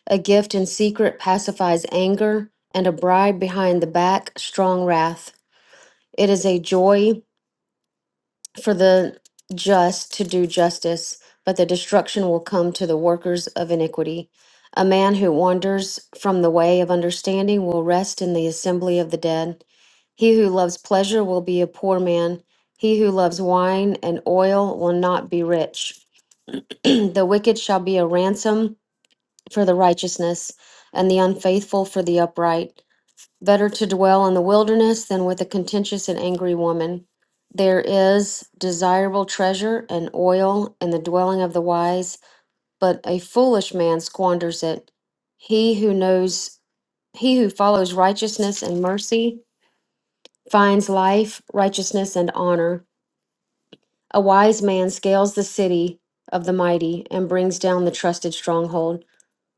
Speaker 11: A gift in secret pacifies anger, and a bribe behind the back, strong wrath. It is a joy for the just to do justice, but the destruction will come to the workers of iniquity. A man who wanders from the way of understanding will rest in the assembly of the dead. He who loves pleasure will be a poor man. He who loves wine and oil will not be rich. the wicked shall be a ransom for the righteousness, and the unfaithful for the upright. Better to dwell in the wilderness than with a contentious and angry woman. There is desirable treasure and oil in the dwelling of the wise, but a foolish man squanders it. He who knows, he who follows righteousness and mercy, finds life, righteousness, and honor. A wise man scales the city of the mighty and brings down the trusted stronghold.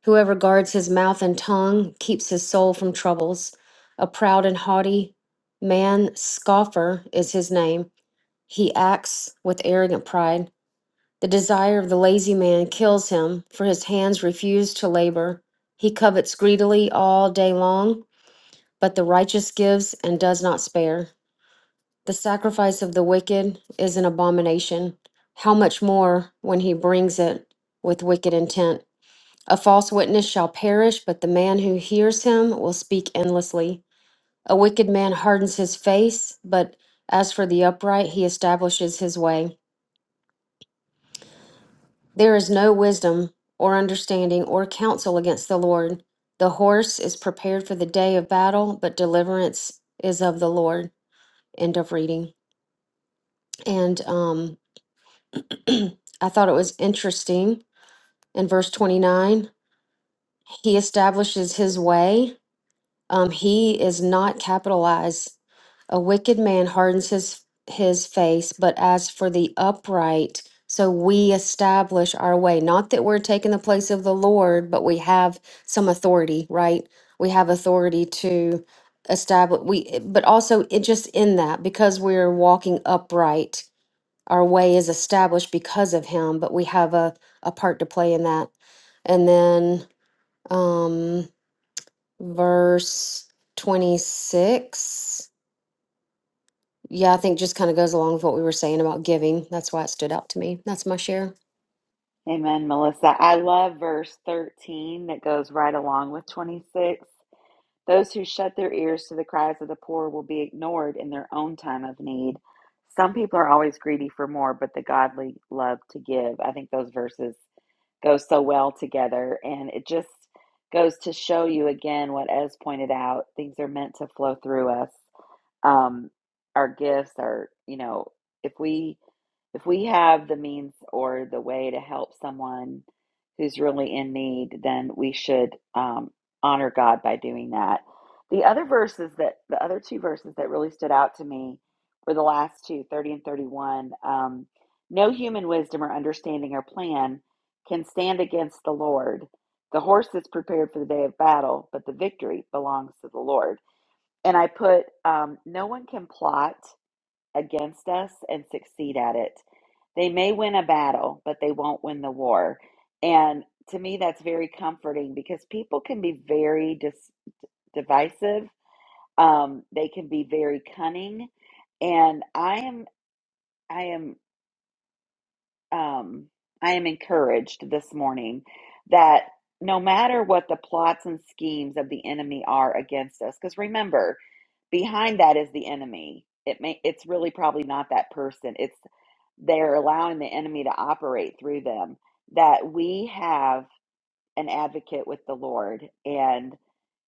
Speaker 11: Whoever guards his mouth and tongue keeps his soul from troubles. A proud and haughty man, scoffer is his name. He acts with arrogant pride. The desire of the lazy man kills him, for his hands refuse to labor. He covets greedily all day long, but the righteous gives and does not spare. The sacrifice of the wicked is an abomination. How much more when he brings it with wicked intent? A false witness shall perish, but the man who hears him will speak endlessly. A wicked man hardens his face, but as for the upright, he establishes his way. There is no wisdom or understanding or counsel against the Lord. The horse is prepared for the day of battle, but deliverance is of the Lord. End of reading. And um, I thought it was interesting in verse 29. He establishes his way. Um, he is not capitalized. A wicked man hardens his his face, but as for the upright, so we establish our way. Not that we're taking the place of the Lord, but we have some authority, right? We have authority to establish we but also it just in that because we're walking upright our way is established because of him, but we have a, a part to play in that. And then um, verse 26. Yeah, I think just kind of goes along with what we were saying about giving. That's why it stood out to me. That's my share.
Speaker 1: Amen, Melissa. I love verse 13 that goes right along with 26. Those who shut their ears to the cries of the poor will be ignored in their own time of need. Some people are always greedy for more, but the godly love to give. I think those verses go so well together. And it just goes to show you again what Ez pointed out things are meant to flow through us. um, our gifts, our, you know, if we if we have the means or the way to help someone who's really in need, then we should um, honor God by doing that. The other verses that the other two verses that really stood out to me were the last two, thirty and 31. Um, no human wisdom or understanding or plan can stand against the Lord. The horse is prepared for the day of battle, but the victory belongs to the Lord. And I put, um, no one can plot against us and succeed at it. They may win a battle, but they won't win the war. And to me, that's very comforting because people can be very dis- divisive. Um, they can be very cunning, and I am. I am. um, I am encouraged this morning that no matter what the plots and schemes of the enemy are against us, because remember, behind that is the enemy. It may it's really probably not that person. It's they're allowing the enemy to operate through them. That we have an advocate with the Lord, and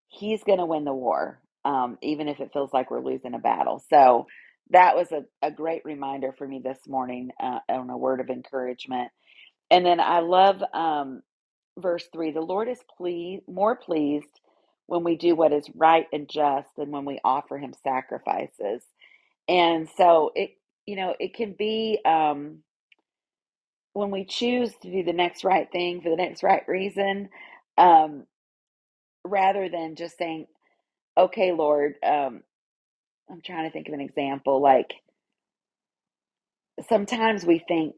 Speaker 1: He's going to win the war, um, even if it feels like we're losing a battle. So that was a, a great reminder for me this morning uh, on a word of encouragement and then I love um, verse three the Lord is pleased, more pleased when we do what is right and just than when we offer him sacrifices. And so it, you know, it can be um, when we choose to do the next right thing for the next right reason um, rather than just saying, okay, Lord, um, I'm trying to think of an example like, sometimes we think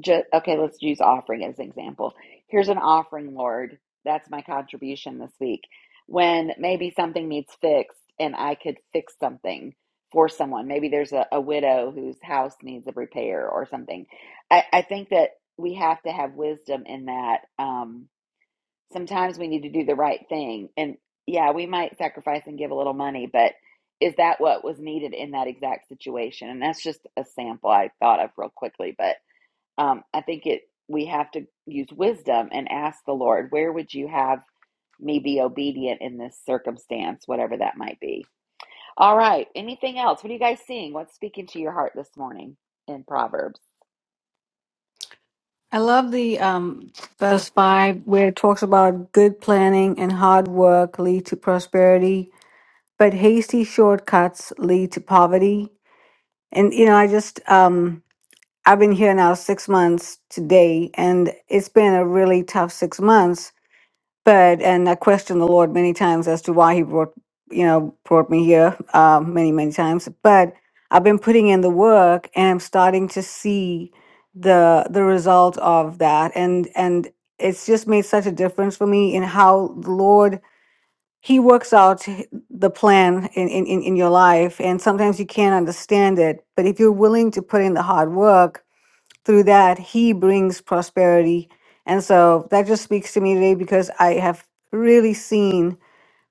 Speaker 1: just okay let's use offering as an example here's an offering lord that's my contribution this week when maybe something needs fixed and i could fix something for someone maybe there's a, a widow whose house needs a repair or something i, I think that we have to have wisdom in that Um, Sometimes we need to do the right thing. And yeah, we might sacrifice and give a little money, but is that what was needed in that exact situation? And that's just a sample I thought of real quickly, but um, I think it we have to use wisdom and ask the Lord, where would you have me be obedient in this circumstance, whatever that might be. All right. Anything else? What are you guys seeing? What's speaking to your heart this morning in Proverbs?
Speaker 4: i love the um verse 5 where it talks about good planning and hard work lead to prosperity but hasty shortcuts lead to poverty. And you know, I just um I've been here now six months today, and it's been a really tough six months. But and I questioned the Lord many times as to why He brought you know brought me here um, many many times. But I've been putting in the work, and I'm starting to see the the result of that. And and it's just made such a difference for me in how the Lord he works out the plan in, in, in in your life and sometimes you can't understand it but if you're willing to put in the hard work through that he brings prosperity and so that just speaks to me today because i have really seen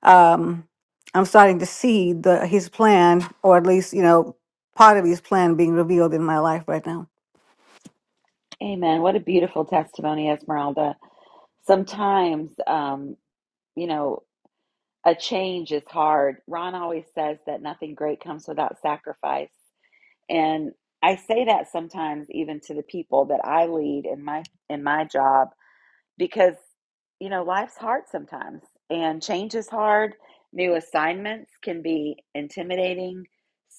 Speaker 4: um i'm starting to see the his plan or at least you know part of his plan being revealed in my life right now
Speaker 1: Amen. What a beautiful testimony, Esmeralda. Sometimes, um, you know, a change is hard. Ron always says that nothing great comes without sacrifice. And I say that sometimes even to the people that I lead in my in my job because you know, life's hard sometimes and change is hard. New assignments can be intimidating,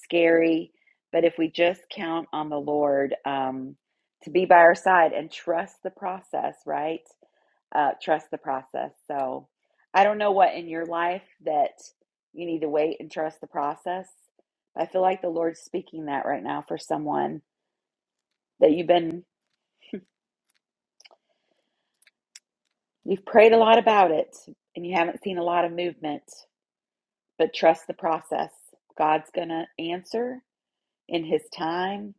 Speaker 1: scary, but if we just count on the Lord um, to be by our side and trust the process, right? uh, trust the process. So I don't know what in your life that you need to wait and trust the process. I feel like the Lord's speaking that right now for someone that you've been, you've prayed a lot about it and you haven't seen a lot of movement, but trust the process. God's going to answer in His time,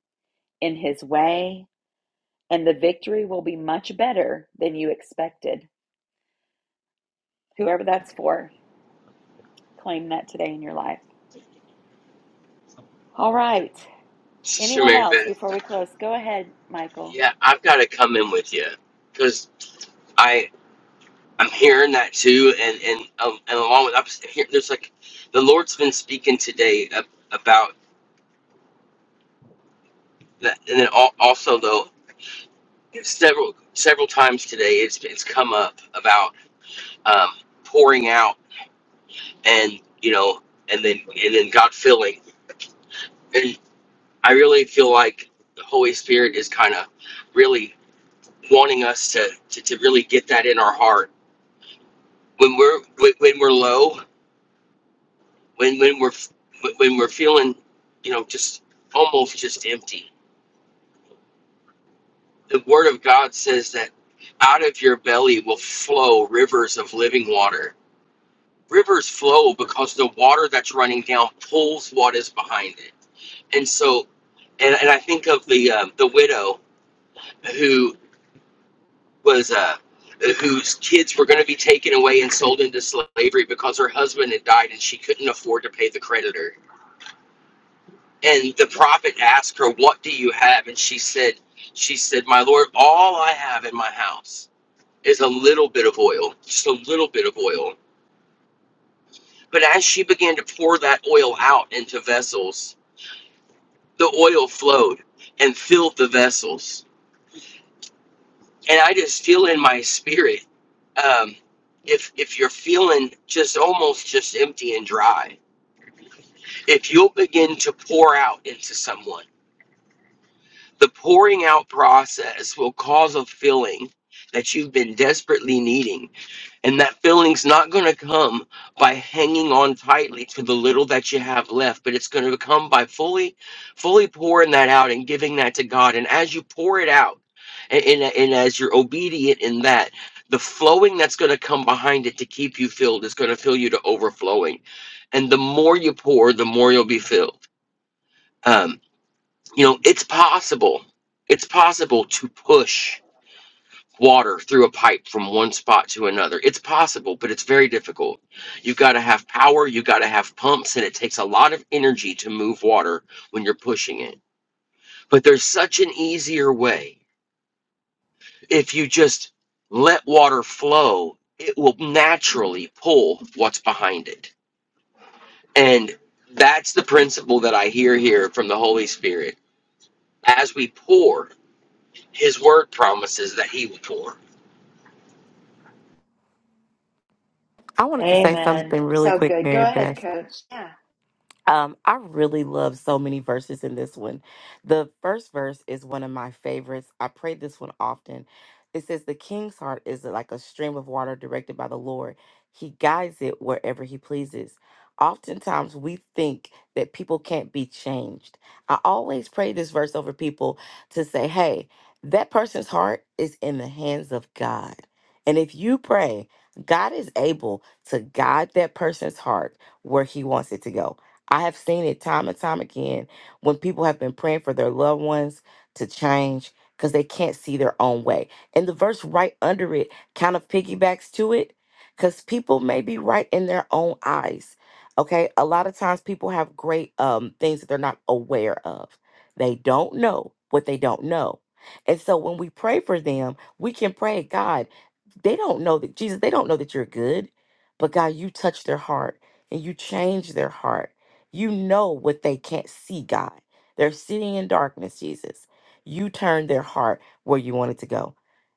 Speaker 1: in His way, and the victory will be much better than you expected. Whoever that's for, claim that today in your life. All right.
Speaker 10: Sister
Speaker 1: Anyone
Speaker 10: Mary
Speaker 1: else
Speaker 10: Beth,
Speaker 1: before we close? Go ahead, Michael.
Speaker 10: yeah, I've got to come in with you because I I'm hearing that too, and and um, and along with I'm here, there's like the Lord's been speaking today ab- about that, and then al- also though several several times today it's it's come up about um, pouring out. and you know and then and then god filling and i really feel like the holy spirit is kind of really wanting us to, to to really get that in our heart when we're when when we're low when when we're when we're feeling you know just almost just empty the word of god says that out of your belly will flow rivers of living water Rivers flow because the water that's running down pulls what is behind it. And so, and, and I think of the um, the widow who was uh, whose kids were going to be taken away and sold into slavery because her husband had died and she couldn't afford to pay the creditor. And the prophet asked her, "What do you have?" And she said, "She said, my lord, all I have in my house is a little bit of oil, just a little bit of oil." But as she began to pour that oil out into vessels, The oil flowed and filled the vessels. And I just feel in my spirit, um, if if you're feeling just almost just empty and dry, if you'll begin to pour out into someone, the pouring out process will cause a filling that you've been desperately needing And that feeling's not going to come by hanging on tightly to the little that you have left, but it's going to come by fully, fully pouring that out and giving that to God. And as you pour it out, and, and, and as you're obedient in that, the flowing that's going to come behind it to keep you filled is going to fill you to overflowing. And the more you pour, the more you'll be filled. Um, you know, it's possible. It's possible to push water through a pipe from one spot to another. It's possible, but it's very difficult. You've got to have power, you've got to have pumps, and it takes a lot of energy to move water when you're pushing it. But there's such an easier way. If you just let water flow, it will naturally pull what's behind it. And that's the principle that I hear here from the Holy Spirit. As we pour, His word promises that He will pour
Speaker 8: I wanted to say
Speaker 1: Amen.
Speaker 8: something really
Speaker 1: So
Speaker 8: quick,
Speaker 1: good. Go
Speaker 8: Mary
Speaker 1: ahead,
Speaker 8: Beth.
Speaker 1: coach. Yeah.
Speaker 8: Um, I really love so many verses in this one. The first verse is one of my favorites. I pray this one often. It says, The king's heart is like a stream of water directed by the Lord. He guides it wherever he pleases. Oftentimes, we think that people can't be changed. I always pray this verse over people to say, Hey, that person's heart is in the hands of God. And if you pray, God is able to guide that person's heart where he wants it to go I have seen it time and time again when people have been praying for their loved ones to change because they can't see their own way. And the verse right under it kind of piggybacks to it because people may be right in their own eyes. Okay. A lot of times people have great um, things that they're not aware of, they don't know what they don't know. And so when we pray for them, we can pray, God, they don't know that Jesus, they don't know that you're good, but God, you touch their heart and you change their heart you know what they can't see, God. They're sitting in darkness, Jesus. You turned their heart where you wanted to go.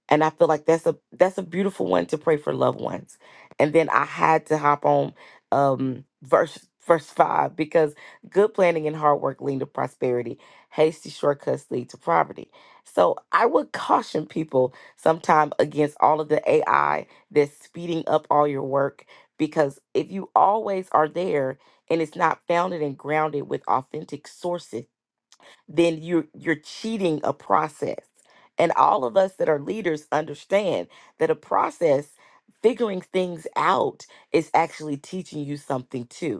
Speaker 8: And I feel like that's a that's a beautiful one to pray for loved ones. And then I had to hop on um verse verse five because good planning and hard work lead to prosperity. Hasty shortcuts lead to poverty. So I would caution people sometime against all of the AI that's speeding up all your work because if you always are there and it's not founded and grounded with authentic sources, then you're you're cheating a process. And all of us that are leaders understand that a process figuring things out is actually teaching you something too.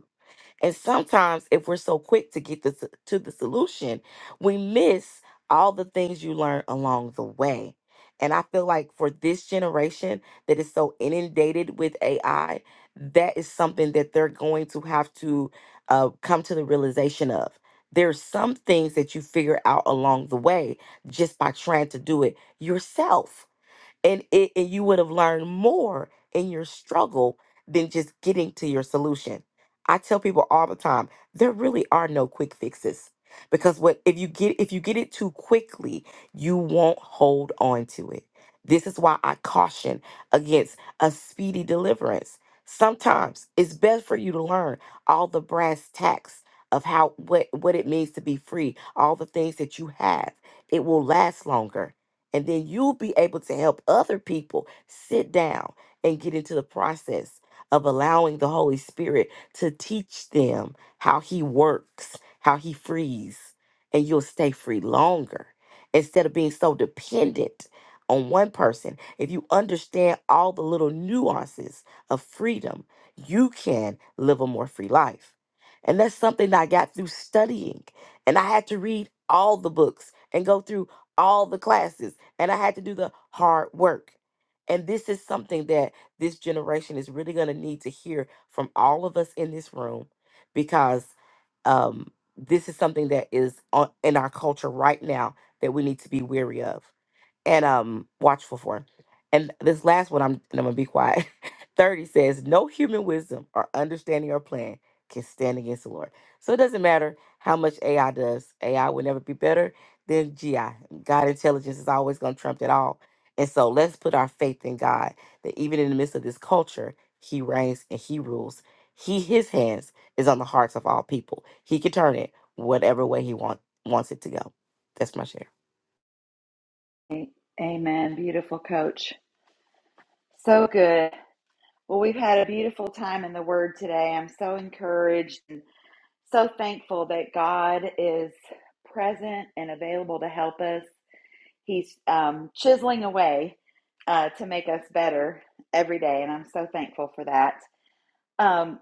Speaker 8: And sometimes, if we're so quick to get the, s- to the solution, we miss all the things you learn along the way. And I feel like for this generation that is so inundated with AI, that is something that they're going to have to uh, come to the realization of. There's some things that you figure out along the way just by trying to do it yourself and it and you would have learned more in your struggle than just getting to your solution. I tell people all the time, there really are no quick fixes because what if you get if you get it too quickly, you won't hold on to it. This is why I caution against a speedy deliverance. Sometimes it's best for you to learn all the brass tacks of how what what it means to be free, all the things that you have. It will last longer and then you'll be able to help other people sit down and get into the process of allowing the Holy Spirit to teach them how He works, how He frees, and you'll stay free longer instead of being so dependent on one person. If you understand all the little nuances of freedom, you can live a more free life. And that's something that I got through studying. And I had to read all the books and go through all the classes and I had to do the hard work. And this is something that this generation is really going to need to hear from all of us in this room because um, this is something that is on, in our culture right now that we need to be wary of and um watchful for. And this last one, I'm and I'm gonna be quiet. Thirty says, "No human wisdom or understanding or plan can stand against the Lord." So it doesn't matter how much AI does. AI will never be better than GI. God intelligence is always gonna trump it all. And so let's put our faith in God that even in the midst of this culture, He reigns and He rules. He His hands is on the hearts of all people. He can turn it whatever way He want, wants it to go. That's my share.
Speaker 1: Amen. Beautiful coach. So good. Well, we've had a beautiful time in the Word today. I'm so encouraged and so thankful that God is present and available to help us. He's um, chiseling away uh, to make us better every day, and I'm so thankful for that. Um,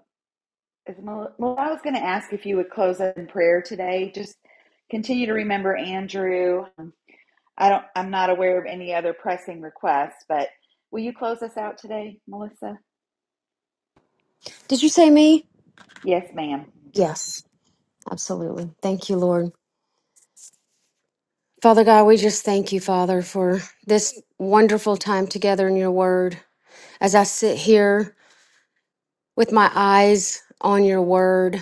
Speaker 1: Is Mo, well, I was going to ask if you would close us in prayer today. Just continue to remember Andrew. Um, I don't. I'm not aware of any other pressing requests, but will you close us out today, Melissa?
Speaker 11: Did you say me?
Speaker 1: Yes, ma'am.
Speaker 11: Yes. Absolutely. Thank you, Lord. Father God, we just thank you, Father, for this wonderful time together in your word. As I sit here with my eyes on your word,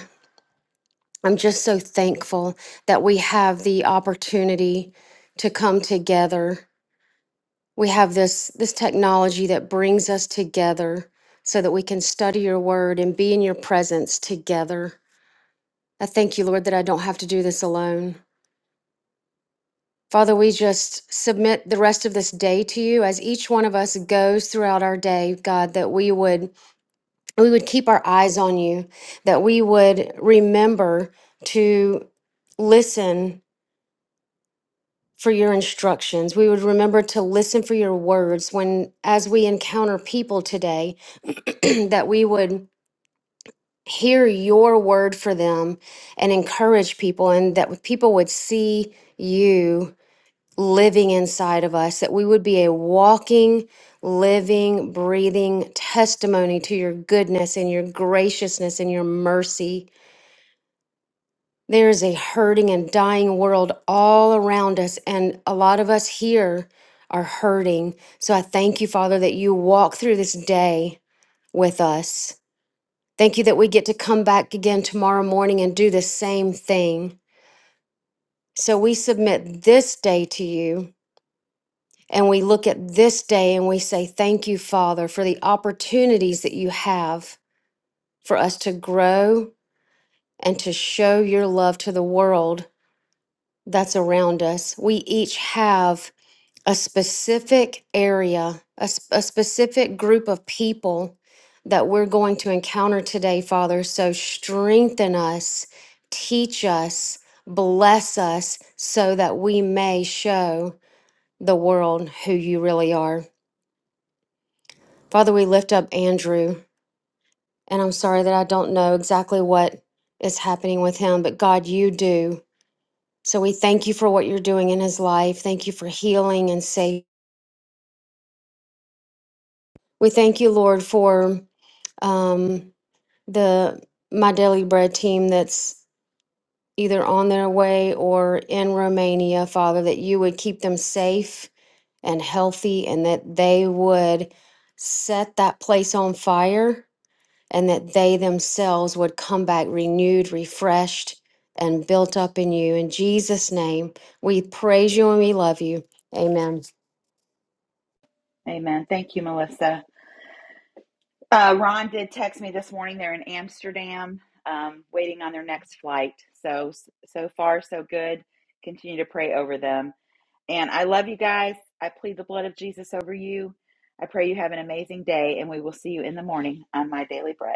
Speaker 11: I'm just so thankful that we have the opportunity to come together. We have this this technology that brings us together so that we can study your word and be in your presence together. I thank you, Lord, that I don't have to do this alone. Father, we just submit the rest of this day to you as each one of us goes throughout our day, God, that we would we would keep our eyes on you, that we would remember to listen for your instructions. We would remember to listen for your words when, as we encounter people today, that we would hear your word for them and encourage people, and that people would see you living inside of us, that we would be a walking, living, breathing testimony to your goodness and your graciousness and your mercy There is a hurting and dying world all around us, and a lot of us here are hurting. So I thank you, Father, that you walk through this day with us. Thank you that we get to come back again tomorrow morning and do the same thing. So we submit this day to you, and we look at this day and we say, Thank you, Father, for the opportunities that you have for us to grow and to show your love to the world that's around us. We each have a specific area, a, s- a specific group of people that we're going to encounter today, Father. So strengthen us, teach us, bless us, so that we may show the world who you really are. Father, we lift up Andrew, and I'm sorry that I don't know exactly what is happening with him, but God, you do. So we thank you for what you're doing in his life. Thank you for healing and safety. We thank you, Lord, for. Um, the My Daily Bread team that's either on their way or in Romania, Father, that you would keep them safe and healthy and that they would set that place on fire and that they themselves would come back renewed, refreshed, and built up in you. In Jesus' name, we praise you and we love you. Amen.
Speaker 1: Amen. Thank you, Melissa. Uh, Ron did text me this morning. They're in Amsterdam, um, waiting on their next flight. So so far so good. Continue to pray over them. And I love you guys. I plead the blood of Jesus over you. I pray you have an amazing day, and we will see you in the morning on My Daily Bread.